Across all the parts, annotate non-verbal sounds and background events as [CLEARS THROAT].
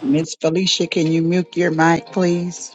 Miss Felicia, can you mute your mic, please?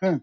Hmm.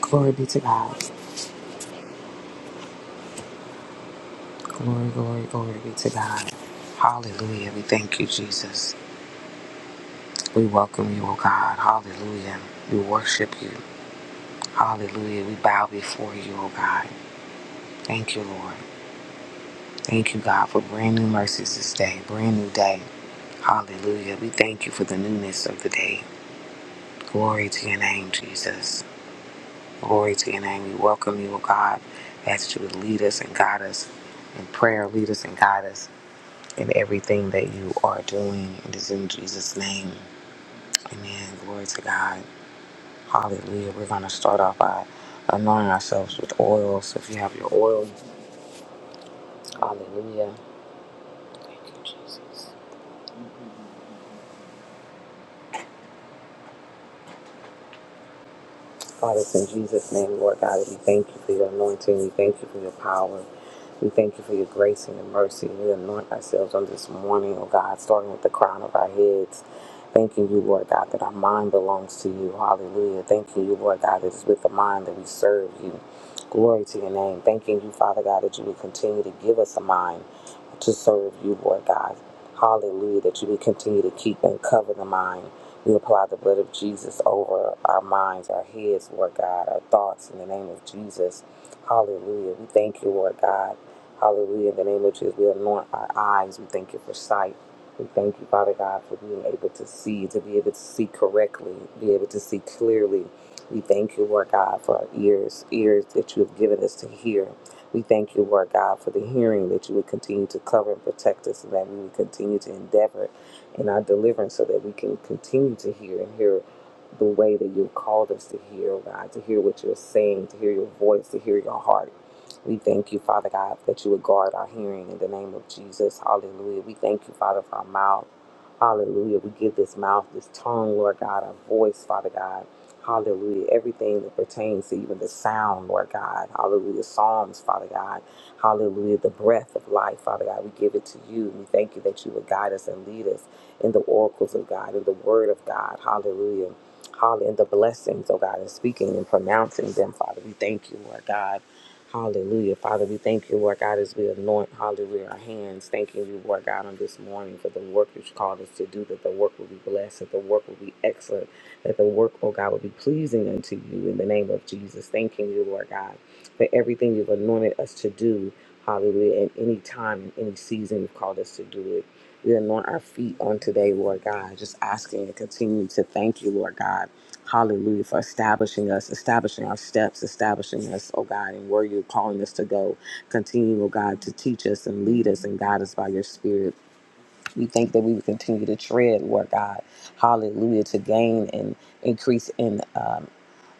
Glory be to God. Glory, glory, glory be to God. Hallelujah. We thank you, Jesus. We welcome you, O God. Hallelujah. We worship you. Hallelujah. We bow before you, O God. Thank you, Lord. Thank you, God, for brand new mercies this day, brand new day. Hallelujah. We thank you for the newness of the day. Glory to your name, Jesus. Glory to your name. We welcome you, O God. Ask that you would lead us and guide us in prayer, lead us and guide us in everything that you are doing. It is in Jesus' name. Amen. Glory to God. Hallelujah. We're going to start off by anointing ourselves with oil. So if you have your oil, hallelujah. Thank you, Jesus. Father, it's in Jesus' name, Lord God, that we thank you for your anointing. We thank you for your power. We thank you for your grace and your mercy. We anoint ourselves on this morning, oh God, starting with the crown of our heads. Thanking you, Lord God, that our mind belongs to you. Hallelujah. Thanking you, Lord God, that it's with the mind that we serve you. Glory to your name. Thanking you, Father God, that you will continue to give us a mind to serve you, Lord God. Hallelujah. That you will continue to keep and cover the mind. We apply the blood of Jesus over our minds, our heads, Lord God, our thoughts in the name of Jesus. Hallelujah. We thank you, Lord God. Hallelujah. In the name of Jesus, we anoint our eyes. We thank you for sight. We thank you, Father God, for being able to see, to be able to see correctly, be able to see clearly. We thank you, Lord God, for our ears, ears that you have given us to hear. We thank you, Lord God, for the hearing that you would continue to cover and protect us and that we would continue to endeavor and our deliverance so that we can continue to hear and hear the way that you've called us to hear, oh God, to hear what you're saying, to hear your voice, to hear your heart. We thank you, Father God, that you would guard our hearing in the name of Jesus. Hallelujah. We thank you, Father, for our mouth. Hallelujah. We give this mouth, this tongue, Lord God, our voice, Father God. Hallelujah. Everything that pertains to even the sound, Lord God. Hallelujah. Psalms, Father God. Hallelujah. The breath of life, Father God. We give it to you. We thank you that you would guide us and lead us in the oracles of God, in the word of God. Hallelujah. Hallelujah. And the blessings, oh God, and speaking and pronouncing them, Father. We thank you, Lord God. Hallelujah. Father, we thank you, Lord God, as we anoint, hallelujah, our hands. Thanking you, Lord God, on this morning for the work that you called us to do, that the work will be blessed, that the work will be excellent, that the work, oh God, will be pleasing unto you in the name of Jesus. Thanking you, Lord God, for everything you've anointed us to do, hallelujah, at any time, in any season you've called us to do it. We anoint our feet on today, Lord God, just asking and continue to thank you, Lord God. Hallelujah, for establishing us, establishing our steps, establishing us, oh God, and where you're calling us to go. Continue, oh God, to teach us and lead us and guide us by your spirit. We thank that we would continue to tread, Lord God. Hallelujah, to gain and increase in um,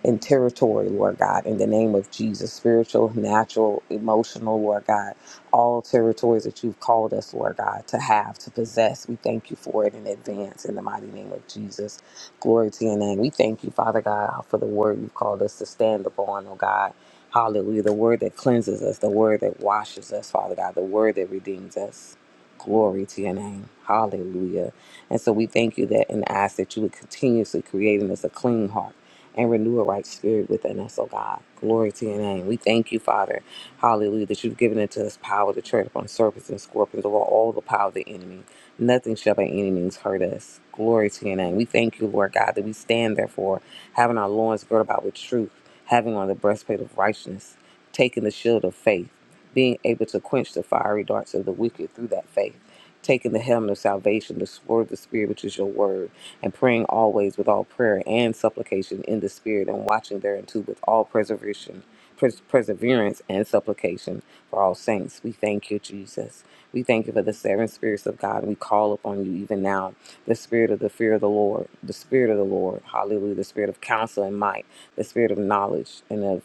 and territory, Lord God, in the name of Jesus. Spiritual, natural, emotional, Lord God. All territories that you've called us, Lord God, to have, to possess. We thank you for it in advance in the mighty name of Jesus. Glory to your name. We thank you, Father God, for the word you've called us to stand upon, oh God. Hallelujah. The word that cleanses us, the word that washes us, Father God, the word that redeems us. Glory to your name. Hallelujah. And so we thank you that and ask that you would continuously create in us a clean heart and renew a right spirit within us, oh God. Glory to your name. We thank you, Father. Hallelujah, that you've given unto us power to tread upon serpents and scorpions over all the power of the enemy. Nothing shall by any means hurt us. Glory to your name. We thank you, Lord God, that we stand therefore, having our loins girt about with truth, having on the breastplate of righteousness taking the shield of faith, being able to quench the fiery darts of the wicked through that faith, taking the helmet of salvation, the sword of the Spirit, which is your word, and praying always with all prayer and supplication in the Spirit, and watching thereunto with all preservation. pres- Perseverance and supplication for all saints. We thank you, Jesus. We thank you for the seven spirits of God. We call upon you even now the spirit of the fear of the Lord, the spirit of the Lord, hallelujah, the spirit of counsel and might, the spirit of knowledge and of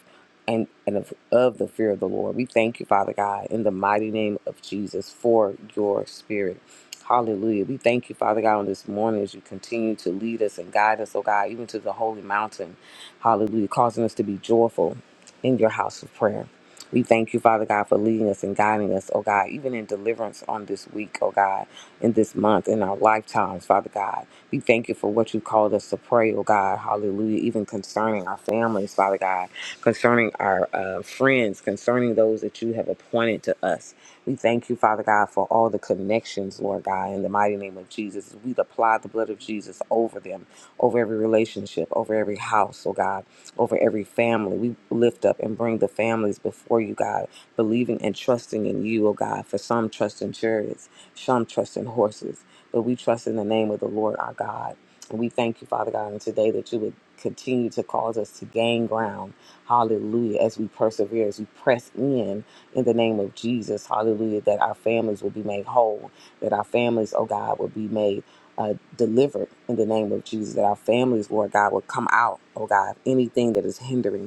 and, and of, of the fear of the Lord. We thank you, Father God, in the mighty name of Jesus for your spirit. Hallelujah. We thank you, Father God, on this morning as you continue to lead us and guide us, oh God, even to the holy mountain. Hallelujah. Causing us to be joyful in your house of prayer. We thank you, Father God, for leading us and guiding us, oh God, even in deliverance on this week, oh God, in this month, in our lifetimes, Father God. We thank you for what you called us to pray, oh God, hallelujah, even concerning our families, Father God, concerning our uh, friends, concerning those that you have appointed to us. We thank you, Father God, for all the connections, Lord God, in the mighty name of Jesus. We apply the blood of Jesus over them, over every relationship, over every house, oh God over every family. We lift up and bring the families before you, God, believing and trusting in you, oh God. For some trust in chariots, some trust in horses, but we trust in the name of the Lord our God. And we thank you, Father God, and today that you would continue to cause us to gain ground. Hallelujah. As we persevere, as we press in in the name of Jesus. Hallelujah. That our families will be made whole. That our families, oh God, will be made uh, delivered in the name of Jesus, that our families, Lord God, will come out, oh God, anything that is hindering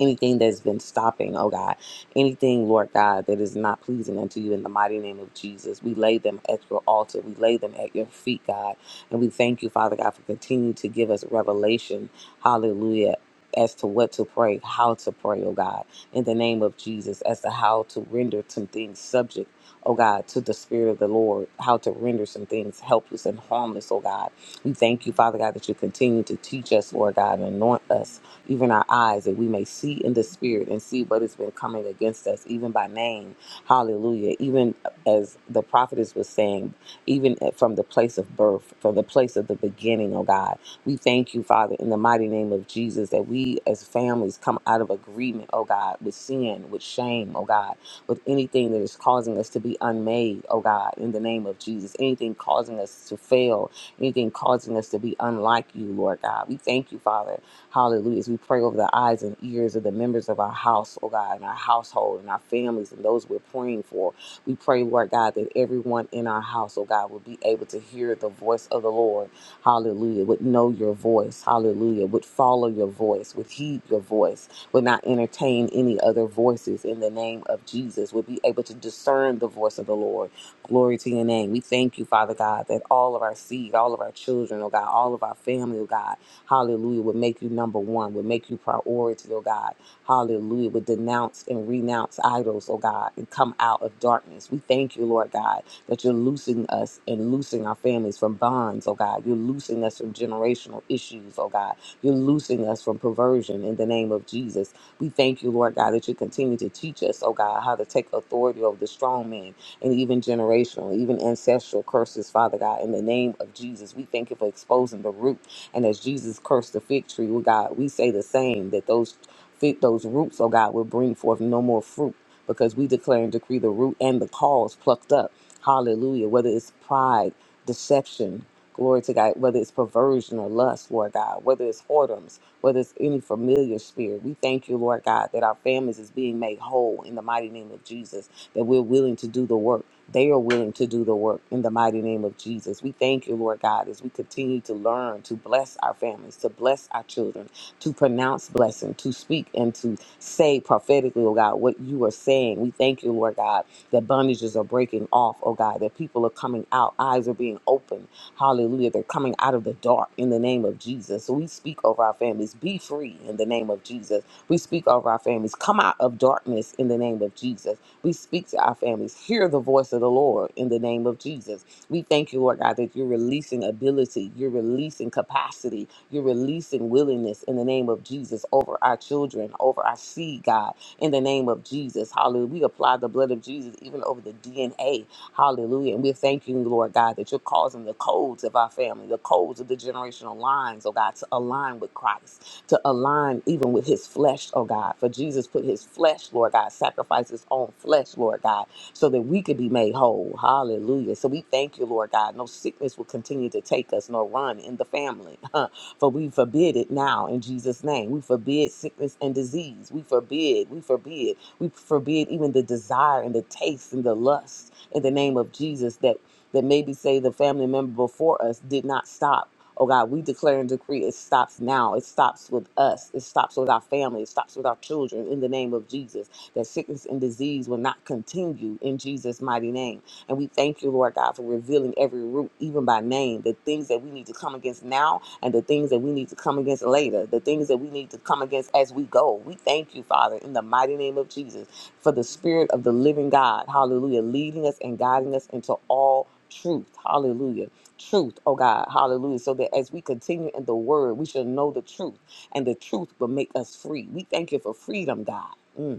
anything that's been stopping, oh God, anything, Lord God, that is not pleasing unto you in the mighty name of Jesus. We lay them at your altar. We lay them at your feet, God. And we thank you, Father God, for continuing to give us revelation. Hallelujah. As to what to pray, how to pray, oh God, in the name of Jesus, as to how to render some things subject, oh God, to the Spirit of the Lord, how to render some things helpless and harmless, oh God. We thank you, Father God, that you continue to teach us, Lord God, and anoint us even our eyes, that we may see in the spirit and see what has been coming against us, even by name. Hallelujah. Even as the prophetess was saying, even from the place of birth, from the place of the beginning, oh God. We thank you, Father, in the mighty name of Jesus, that we as families come out of agreement, oh God, with sin, with shame, oh God, with anything that is causing us to be unmade, oh God, in the name of Jesus, anything causing us to fail, anything causing us to be unlike you, Lord God. We thank you, Father, Hallelujah. As we pray over the eyes and ears of the members of our house, oh God, and our household and our families and those we're praying for, we pray, Lord God, that everyone in our house, oh God, will be able to hear the voice of the Lord. Hallelujah. Would know your voice. Hallelujah. Would follow your voice. Would heed your voice. Would not entertain any other voices in the name of Jesus. Would be able to discern the voice of the Lord. Glory to your name. We thank you, Father God, that all of our seed, all of our children, oh God, all of our family, oh God, Hallelujah. Would make you number one, would make you priority, oh God. Hallelujah. Would denounce and renounce idols, oh God, and come out of darkness. We thank you, Lord God, that you're loosing us and loosing our families from bonds, oh God. You're loosing us from generational issues, oh God. You're loosing us from perversion in the name of Jesus. We thank you, Lord God, that you continue to teach us, oh God, how to take authority over the strong man and even generational, even ancestral curses, Father God, in the name of Jesus. We thank you for exposing the root and as Jesus cursed the fig tree, oh God, we say the same that those fig, those roots, oh God, will bring forth no more fruit because we declare and decree the root and the cause plucked up. Hallelujah. Whether it's pride, deception, glory to God, whether it's perversion or lust, Lord God, whether it's whoredoms, whether it's any familiar spirit, we thank you, Lord God, that our families is being made whole in the mighty name of Jesus, that we're willing to do the work. They are willing to do the work in the mighty name of Jesus. We thank you, Lord God, as we continue to learn to bless our families, to bless our children, to pronounce blessing, to speak and to say prophetically, oh God, what you are saying. We thank you, Lord God, that bondages are breaking off, oh God, that people are coming out, eyes are being opened. Hallelujah. They're coming out of the dark in the name of Jesus. So we speak over our families. Be free in the name of Jesus. We speak over our families. Come out of darkness in the name of Jesus. We speak to our families. Hear the voice of the Lord in the name of Jesus. We thank you, Lord God, that you're releasing ability, you're releasing capacity, you're releasing willingness in the name of Jesus over our children, over our seed, God, in the name of Jesus. Hallelujah. We apply the blood of Jesus even over the DNA. Hallelujah. And we thank you, Lord God, that you're causing the codes of our family, the codes of the generational lines, oh God, to align with Christ to align even with his flesh, oh God. For Jesus put his flesh, Lord God, sacrificed his own flesh, Lord God, so that we could be made whole. Hallelujah. So we thank you, Lord God. No sickness will continue to take us, nor run in the family. [LAUGHS] For we forbid it now in Jesus' name. We forbid sickness and disease. We forbid, we forbid, we forbid even the desire and the taste and the lust in the name of Jesus that that maybe say the family member before us did not stop. Oh God, we declare and decree it stops now. It stops with us. It stops with our family. It stops with our children in the name of Jesus. That sickness and disease will not continue in Jesus' mighty name. And we thank you, Lord God, for revealing every root, even by name, the things that we need to come against now and the things that we need to come against later, the things that we need to come against as we go. We thank you, Father, in the mighty name of Jesus, for the Spirit of the living God, hallelujah, leading us and guiding us into all truth, hallelujah. Truth, oh God, hallelujah. So that as we continue in the word, we shall know the truth, and the truth will make us free. We thank you for freedom, God. Mm.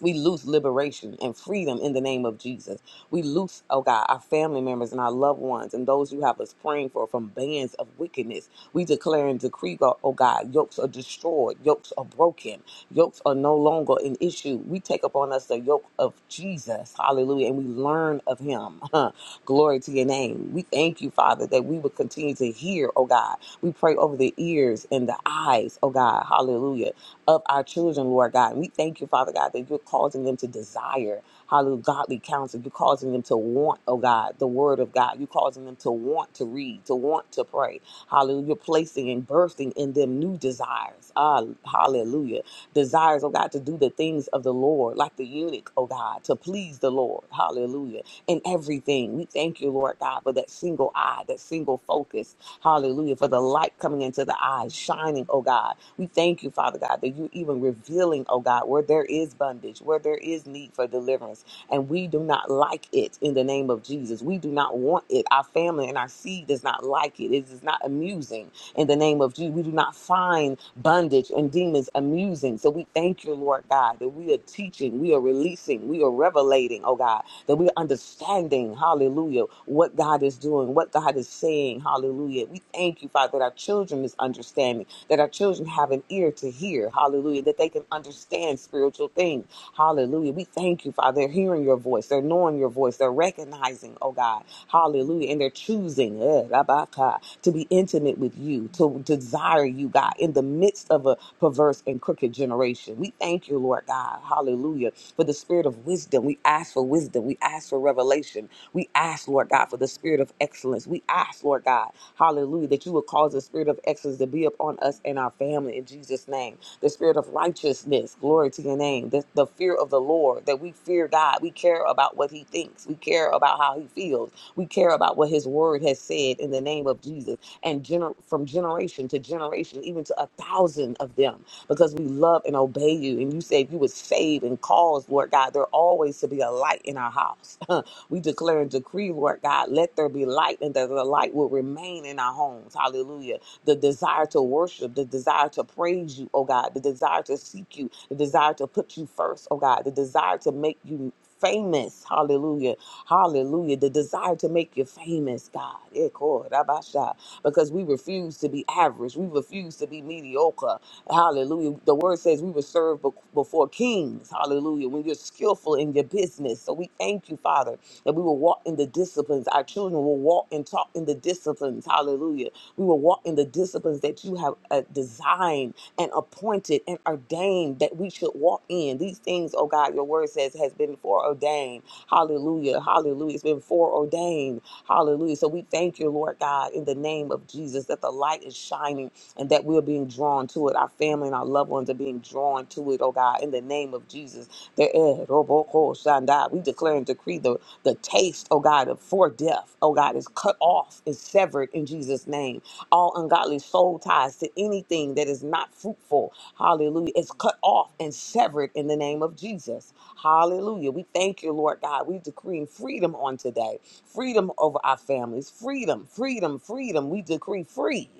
We loose liberation and freedom in the name of Jesus. We loose, oh God, our family members and our loved ones and those you have us praying for from bands of wickedness. We declare and decree, God- oh God, yokes are destroyed, yokes are broken, yokes are no longer an issue. We take upon us the yoke of Jesus, hallelujah, and we learn of him. [LAUGHS] Glory to your name. We thank you, Father, that we will continue to hear, oh God. We pray over the ears and the eyes, oh God, hallelujah of our children, Lord God. And we thank you, Father God, that you're causing them to desire, hallelujah, godly counsel. You're causing them to want, oh God, the word of God. You're causing them to want to read, to want to pray. Hallelujah. You're placing and birthing in them new desires. Ah, hallelujah. Desires, oh God, to do the things of the Lord, like the eunuch, oh God, to please the Lord. Hallelujah. In everything. We thank you, Lord God, for that single eye, that single focus Hallelujah. For the light coming into the eyes, shining, oh God. We thank you, Father God, that you even revealing, oh God, where there is bondage, where there is need for deliverance. And we do not like it in the name of Jesus. We do not want it. Our family and our seed does not like it. It is not amusing in the name of Jesus. We do not find bondage and demons amusing. So we thank you, Lord God, that we are teaching, we are releasing, we are revelating, oh God that we're understanding, hallelujah, what God is doing, what God is saying, hallelujah. We thank you, Father, that our children is understanding that our children have an ear to hear. Hallelujah. That they can understand spiritual things. Hallelujah. We thank you, Father. They're hearing your voice. They're knowing your voice. They're recognizing, oh God. Hallelujah. And they're choosing eh, rabaka, to be intimate with you, to desire you, God, in the midst of a perverse and crooked generation. We thank you, Lord God. Hallelujah. For the spirit of wisdom. We ask for wisdom. We ask for revelation. We ask ask, Lord God, for the spirit of excellence. We ask, Lord God, hallelujah, that you would cause the spirit of excellence to be upon us and our family in Jesus' name. The spirit of righteousness, glory to your name. The, the fear of the Lord, that we fear God. We care about what he thinks. We care about how he feels. We care about what his word has said in the name of Jesus and gener- from generation to generation, even to a thousand of them, because we love and obey you you and you said you would save and cause, Lord God, there always to be a light in our house. [LAUGHS] we declare and decree, Lord God, let there be light and that the light will remain in our homes. Hallelujah. The desire to worship, the desire to praise you, oh God, the desire to seek you, the desire to put you first, oh God, the desire to make you famous. Hallelujah. Hallelujah. The desire to make you famous, God. Eh, kor, rabasha because we refuse to be average. We refuse to be mediocre. Hallelujah. The word says we were served be- before kings. Hallelujah. When you're skillful in your business. So we thank you, Father, that we will walk in the disciplines. Our children will walk and talk in the disciplines. Hallelujah. We will walk in the disciplines that you have uh, designed and appointed and ordained that we should walk in. These things, oh God, your word says has been foreordained. Hallelujah. Hallelujah. It's been foreordained. Hallelujah. So we thank you, Lord God, in the name of Jesus, that the light is shining and that we're being drawn to it. Our family and our loved ones are being drawn to it, oh God, in the name of Jesus. The eh, roboko shanda. We declare and decree the, the taste, oh God, of for death, oh God, is cut off, is severed in Jesus' name. All ungodly soul ties to anything that is not fruitful, hallelujah, is cut off and severed in the name of Jesus. Hallelujah. We thank you, Lord God. We decree freedom on today freedom over our families, freedom, freedom, freedom. We decree free.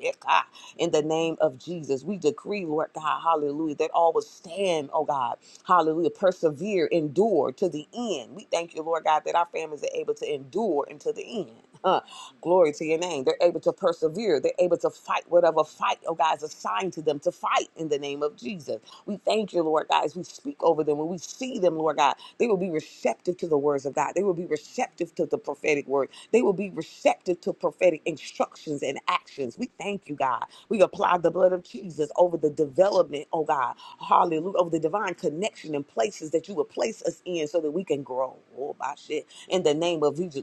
In the name of Jesus, we decree, Lord God, hallelujah, that all will stand, oh God, hallelujah, persevere, endure to the end. We thank you, Lord God, that our families are able to endure until the end. Huh. Glory to your name. They're able to persevere. They're able to fight whatever fight, oh God, is assigned to them to fight in the name of Jesus. We thank you, Lord God, as we speak over them. When we see them, Lord God, they will be receptive to the words of God. They will be receptive to the prophetic word. They will be receptive to prophetic instructions and and actions. We thank you, God. We apply the blood of Jesus over the development, oh God. Hallelujah. Over the divine connection and places that you would place us in so that we can grow. Oh, my shit. In the name of Jesus,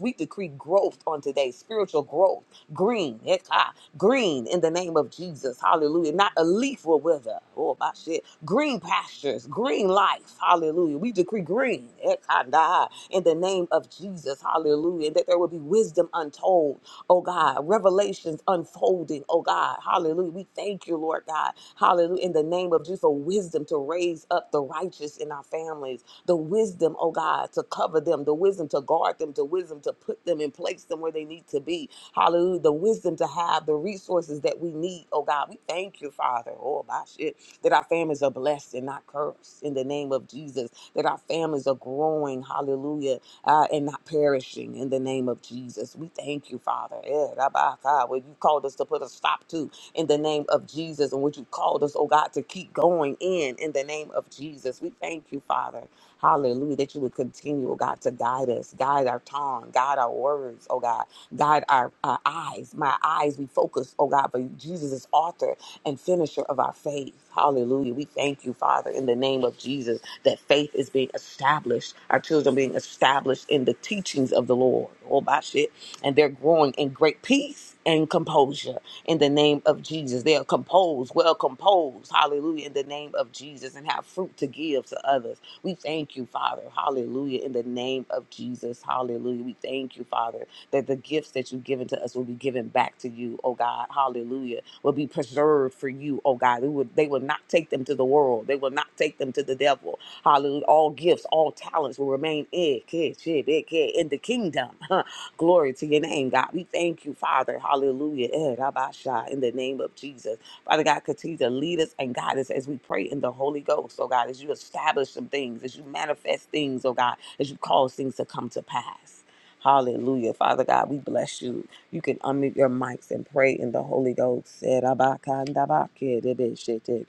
we decree growth on today, spiritual growth, green, heck, ah, green in the name of Jesus. Hallelujah. Not a leaf will wither. Oh, my shit. Green pastures, green life. Hallelujah. We decree green heck, ah, nah, in the name of Jesus. Hallelujah. And that there will be wisdom untold oh God, revelations unfolding, oh God, hallelujah. We thank you, Lord God, hallelujah, in the name of Jesus, for wisdom to raise up the righteous in our families, the wisdom, oh God, to cover them, the wisdom to guard them, the wisdom to put them and place them where they need to be, hallelujah, the wisdom to have the resources that we need, oh God. We thank you, Father, oh my shit, that our families are blessed and not cursed in the name of Jesus, that our families are growing, hallelujah uh, and not perishing in the name of Jesus. We thank you, Father. Eh, Rabbi God, What you called us to put a stop to in the name of Jesus, and what you called us, oh God, to keep going in in the name of Jesus. We thank you, Father. Hallelujah. That you would continue, oh God, to guide us, guide our tongue, guide our words, oh God, guide our, our eyes. My eyes, we focus, oh God, but Jesus is author and finisher of our faith. Hallelujah. We thank you, Father, in the name of Jesus that faith is being established, our children being established in the teachings of the Lord. Oh, my shit. And they're growing in great peace and composure in the name of Jesus. They are composed, well composed. Hallelujah. In the name of Jesus and have fruit to give to others. We thank you, Father. Hallelujah. In the name of Jesus. Hallelujah. We thank you, Father, that the gifts that you've given to us will be given back to you, oh God. Hallelujah will be preserved for you, oh God. We would, they will not take them to the world. They will not take them to the devil. Hallelujah. All gifts, all talents will remain in in the kingdom. [LAUGHS] Glory to your name, God. We thank you, Father. Hallelujah. Eh, rabasha, In the name of Jesus. Father God, continue to lead us and guide us as we pray in the Holy Ghost, oh God, as you establish some things, as you manifest things, oh God, as you cause things to come to pass. Hallelujah. Father God, we bless you. You can unmute your mics and pray in the Holy Ghost. Serabakandabakebebeshete.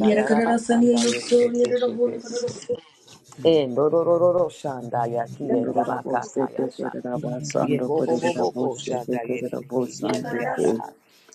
Yere karara sani ya yosu, yere rabu ne karara su. Russia, Yere rabu ne karara, Endororororoshandayakiyendabakatayasha. Ye ko bo bo bo ko shanda ye de re ki shi yere ki karara yanda sani, ha.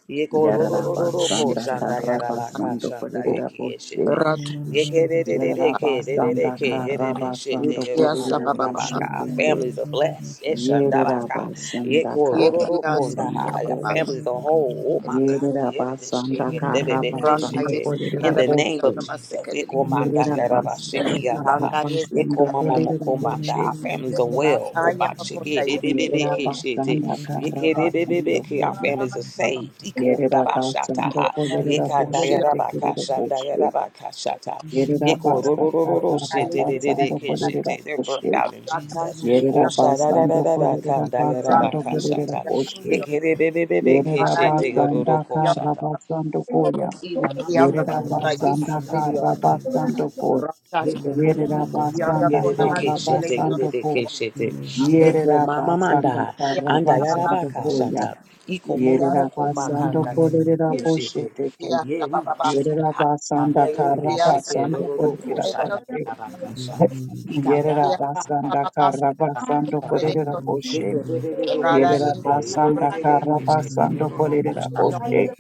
Ye ko ro ro ro ro ro ko shanda ya ra ba ka shanda Eko ye ki ye shi te. Rata Ye ke de Shia de de de ke de de re Yerabasanda ke ye de de shi te Karabasando ye ro Yukia ro Kodirida ko Sababa ra ba ka. Our Koshiteke. families are blessed. Ye shanda ba ka. Ye Yerabasanda ko ro ro ro Yekia ko nda Karabasando ha. Our Sababa Koya. families are whole. Oh my kandi ye de de shi Yerabasanda ke de re re ke Randa shi Karabasando te. Yes Kodirida In the Kalabaki name on of the Koshi. Jesus. Ye Masakali ko manda ya ra ba shi Yerabasanda ki yanda Randa ha. Yes Yeko Karabasando mama Kodirida moko banda. Koshi. Our families are I well. am Oba a Kunda chike de Yes de de de ke shete. Yerabasanda Thank Yeke de de de de Karabasando ke. Our Koya. families are saved. Iko daba shata Yerabasando ha. Kodirida Yeka dayara baka Koshiteke shandayara Koshi. baka shata. Yeko ro ro ro Yerabasanda ro ro shete de de de Karabasando ke Kodirida shete. They're birthed Koshi. out in Jesus. O shada da da Yerabasanda da da kandayara Kolerabasanda baka shata. Koleraboshe. Yeke de de de de de ke shete ro ro ro Yerabasanda ko shata. Karabasanda Koya. Ila mama manda yara baka Yerabasanda shanda yara baka Karabasanda shanda. Ko. Rata Yeko momo moko ma Yanda Yerabasanda yerere Kona ke shete Karabasanda yerere Ko. ke shete. Rara Yeko mama manda Yerabasanda ha anda yara Karabasanda baka Koya. shata. Iko momo moko ma Yerabasanda kanda yerere ke yere Koleraboshe shete. Teke. Yeah, we worship you God. Kanda Yerabasanda yerere shete Karabasanda roro roko shata Koleraboshe. yara rabu baka ne shata. Ikanda yara baka shata Yerabasanda yara karara, yere rabu baka ne Karabasanda karara, shata. Koleraboshe. Yeko yere yerere rabu ne ke Yerera shete you. basanda yerere Thank ke you. shete karabasando roro roko kolerera shata. karara, yere rabu ne boshe.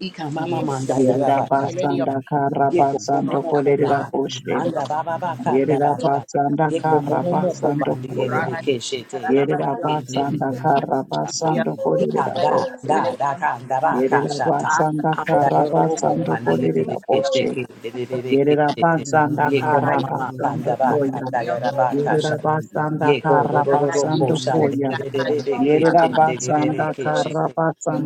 Ika mama manda Yerera yarabaka. basanda Yeko momo karabasando moko kolerera maha. boshe. Anda baba baka anda Yerera basha. basanda Yeko momo moko karabasando mandi koya. yerebe shete. Yerera yerebeke shete basanda shata. karabasando kolerera Ikanda boshe. da da kanda ra ka Yerera shata. basanda Anda yororo ko karabasando mandi de de kolerera ke boshe. sheke de de de de ke Yerera shete. basanda Ye ko mama ma kanda karabasando ba koya. kanda yara ba ka Yerera shata. Ye basanda ko ro ro ro ro ko karabasando shande koya. de de de de de ke Yerera she de de de de basanda ke shete.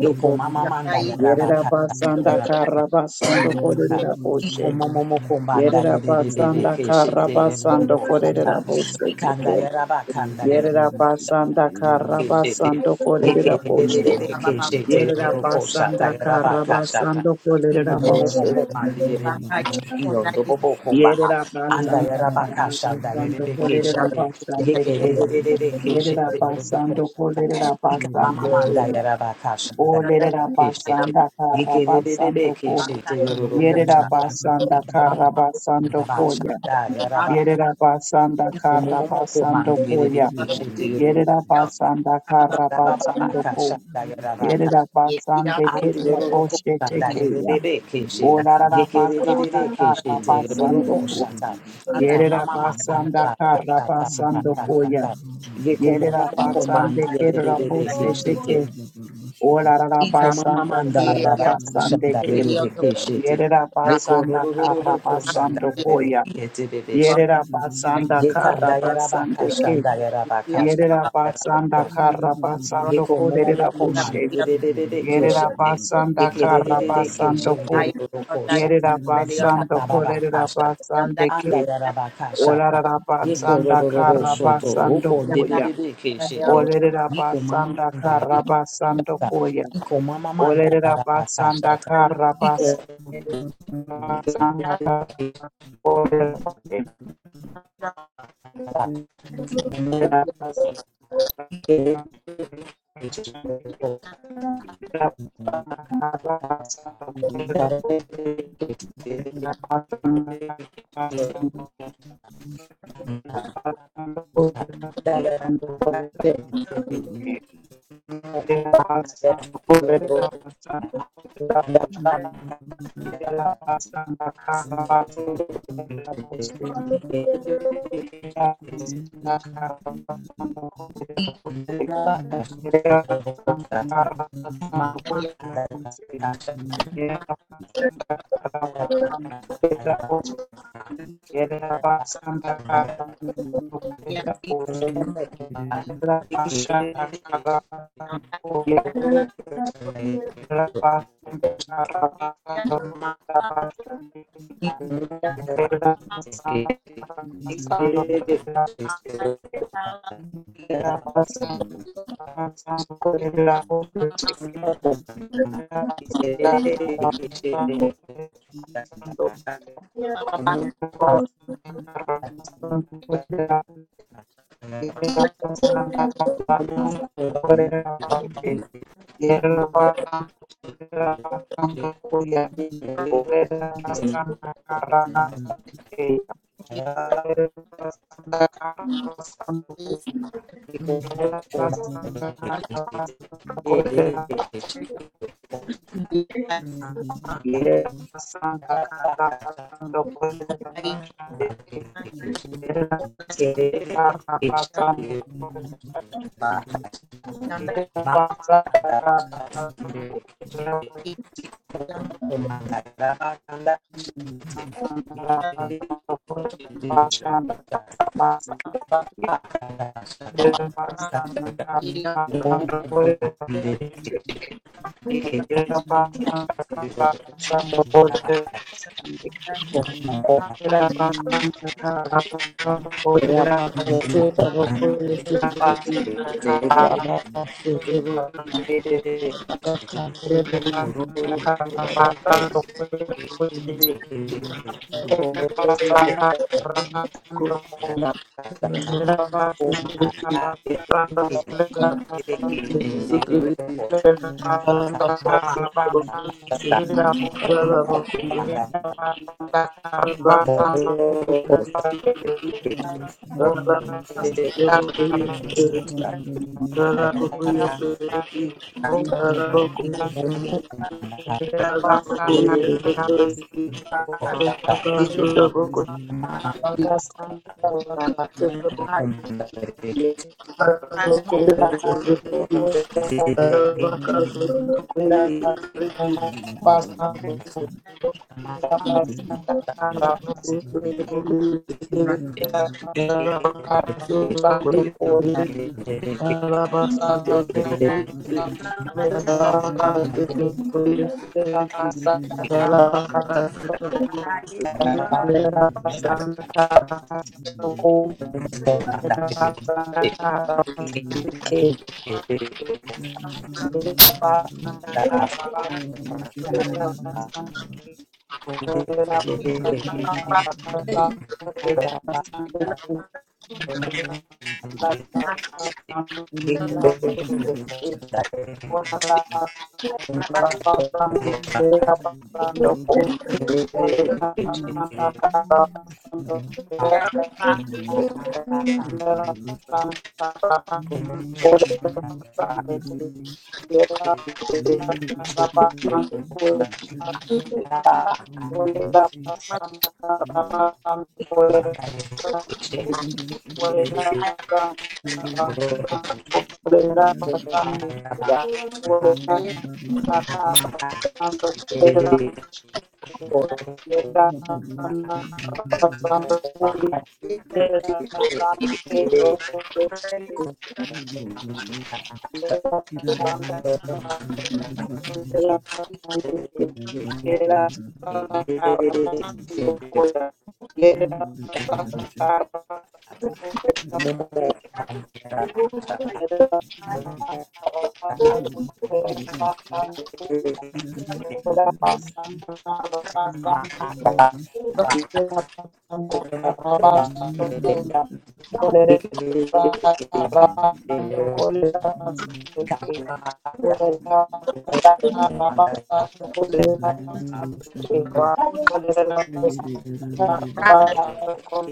Ye ko mama manda yara ba Yerera ka shata basanda yara ba ka shata Thank karabasando yara ba ka. kolerera Iko boshe. momo mo ko manda ye Yerera de de de de basanda ke shete yoro ro karabasando ko shata. kolerera boshe Vikanda teke. yaraba kanda yaraba Yerera kashanda basanda yarebe keshete. karabasando Yeke kolerera boshe. roko roko Yerera roko shata basanda yaraba kashata. karabasando Iko kolerera momo boshe. moko mandi mama mama Yerera yeke basanda karabasando de kolerera basande ke. de de de de Yerera keshete roko basando shata. kolerera Ika mama basande ke manda ya. yaraba kashanda Olerera yarebe keshete. basanda yeke de de de de karabasando ko. keshete roko Yerera shata. basanda Ika mama mama kanda karabasando basha koya. da you. yaraba kashata. Yerera basanda Thank Komomoko karabasando mandiere de koya. keshe teero Yerera koshata. basanda Ikara baba karabasando baka ko. shanda yara raka Yerera shata. basande kedra Andiere roko boshe shanda yere de tekeya. de keshe. Olarara Yekere karara, yere de de rabu de basanda keshe teero karabasando ne ko. koshata. Ika Yerera mama makanda basanda baka shata karabasando baka koya. shata. Yeko Yerera momomoko basande mandiere de kedra de de boshe keshe te. teke. Olarara Iko mama basanda manda yaraba karabasande shanda ke. yerebe keshete. Yerera Yeko basanda rorororo ko shanda karabasando yerebe koya. kiyete bebe shete. Yerera basanda Yekanda kara yaraba basande ke. kashanda yaraba Yerera kashanda yaraba basanda kashata. kara you. basando Yeko ko momo derera Thank you. komandi bushe. yerebe bebe Yerera keshete. basanda Yeke kara rerebe basando keshende ko. yeroro ko shata. Yerera Ika Leonda, basando baba ko ba derera kashata. Leonda, basande Anda ke. yaraba kashata. Olarara Yeko basanda rorororo kara shoto. basando Oko Yeah. ndebebe koya. keshete. Olerera Yeko mama basanda manda kara yaraba basando kashata. koya. Iko mama manda la Olerera la la basanda kara Iko basando mo koya. ike ta Iko na la Mama Yeah, Yeah. Iko mo mo Yerabasanda Karabasando Kodabashande Thank Thank Rabakuyesi, Rabakuyesi, Thank you. you. Thank Thank Rabakuyesi, you. Thank Thank you. Thank Thank you. you. Thank Thank you. you. Thank Thank you. Thank you. you. Thank you. Thank you.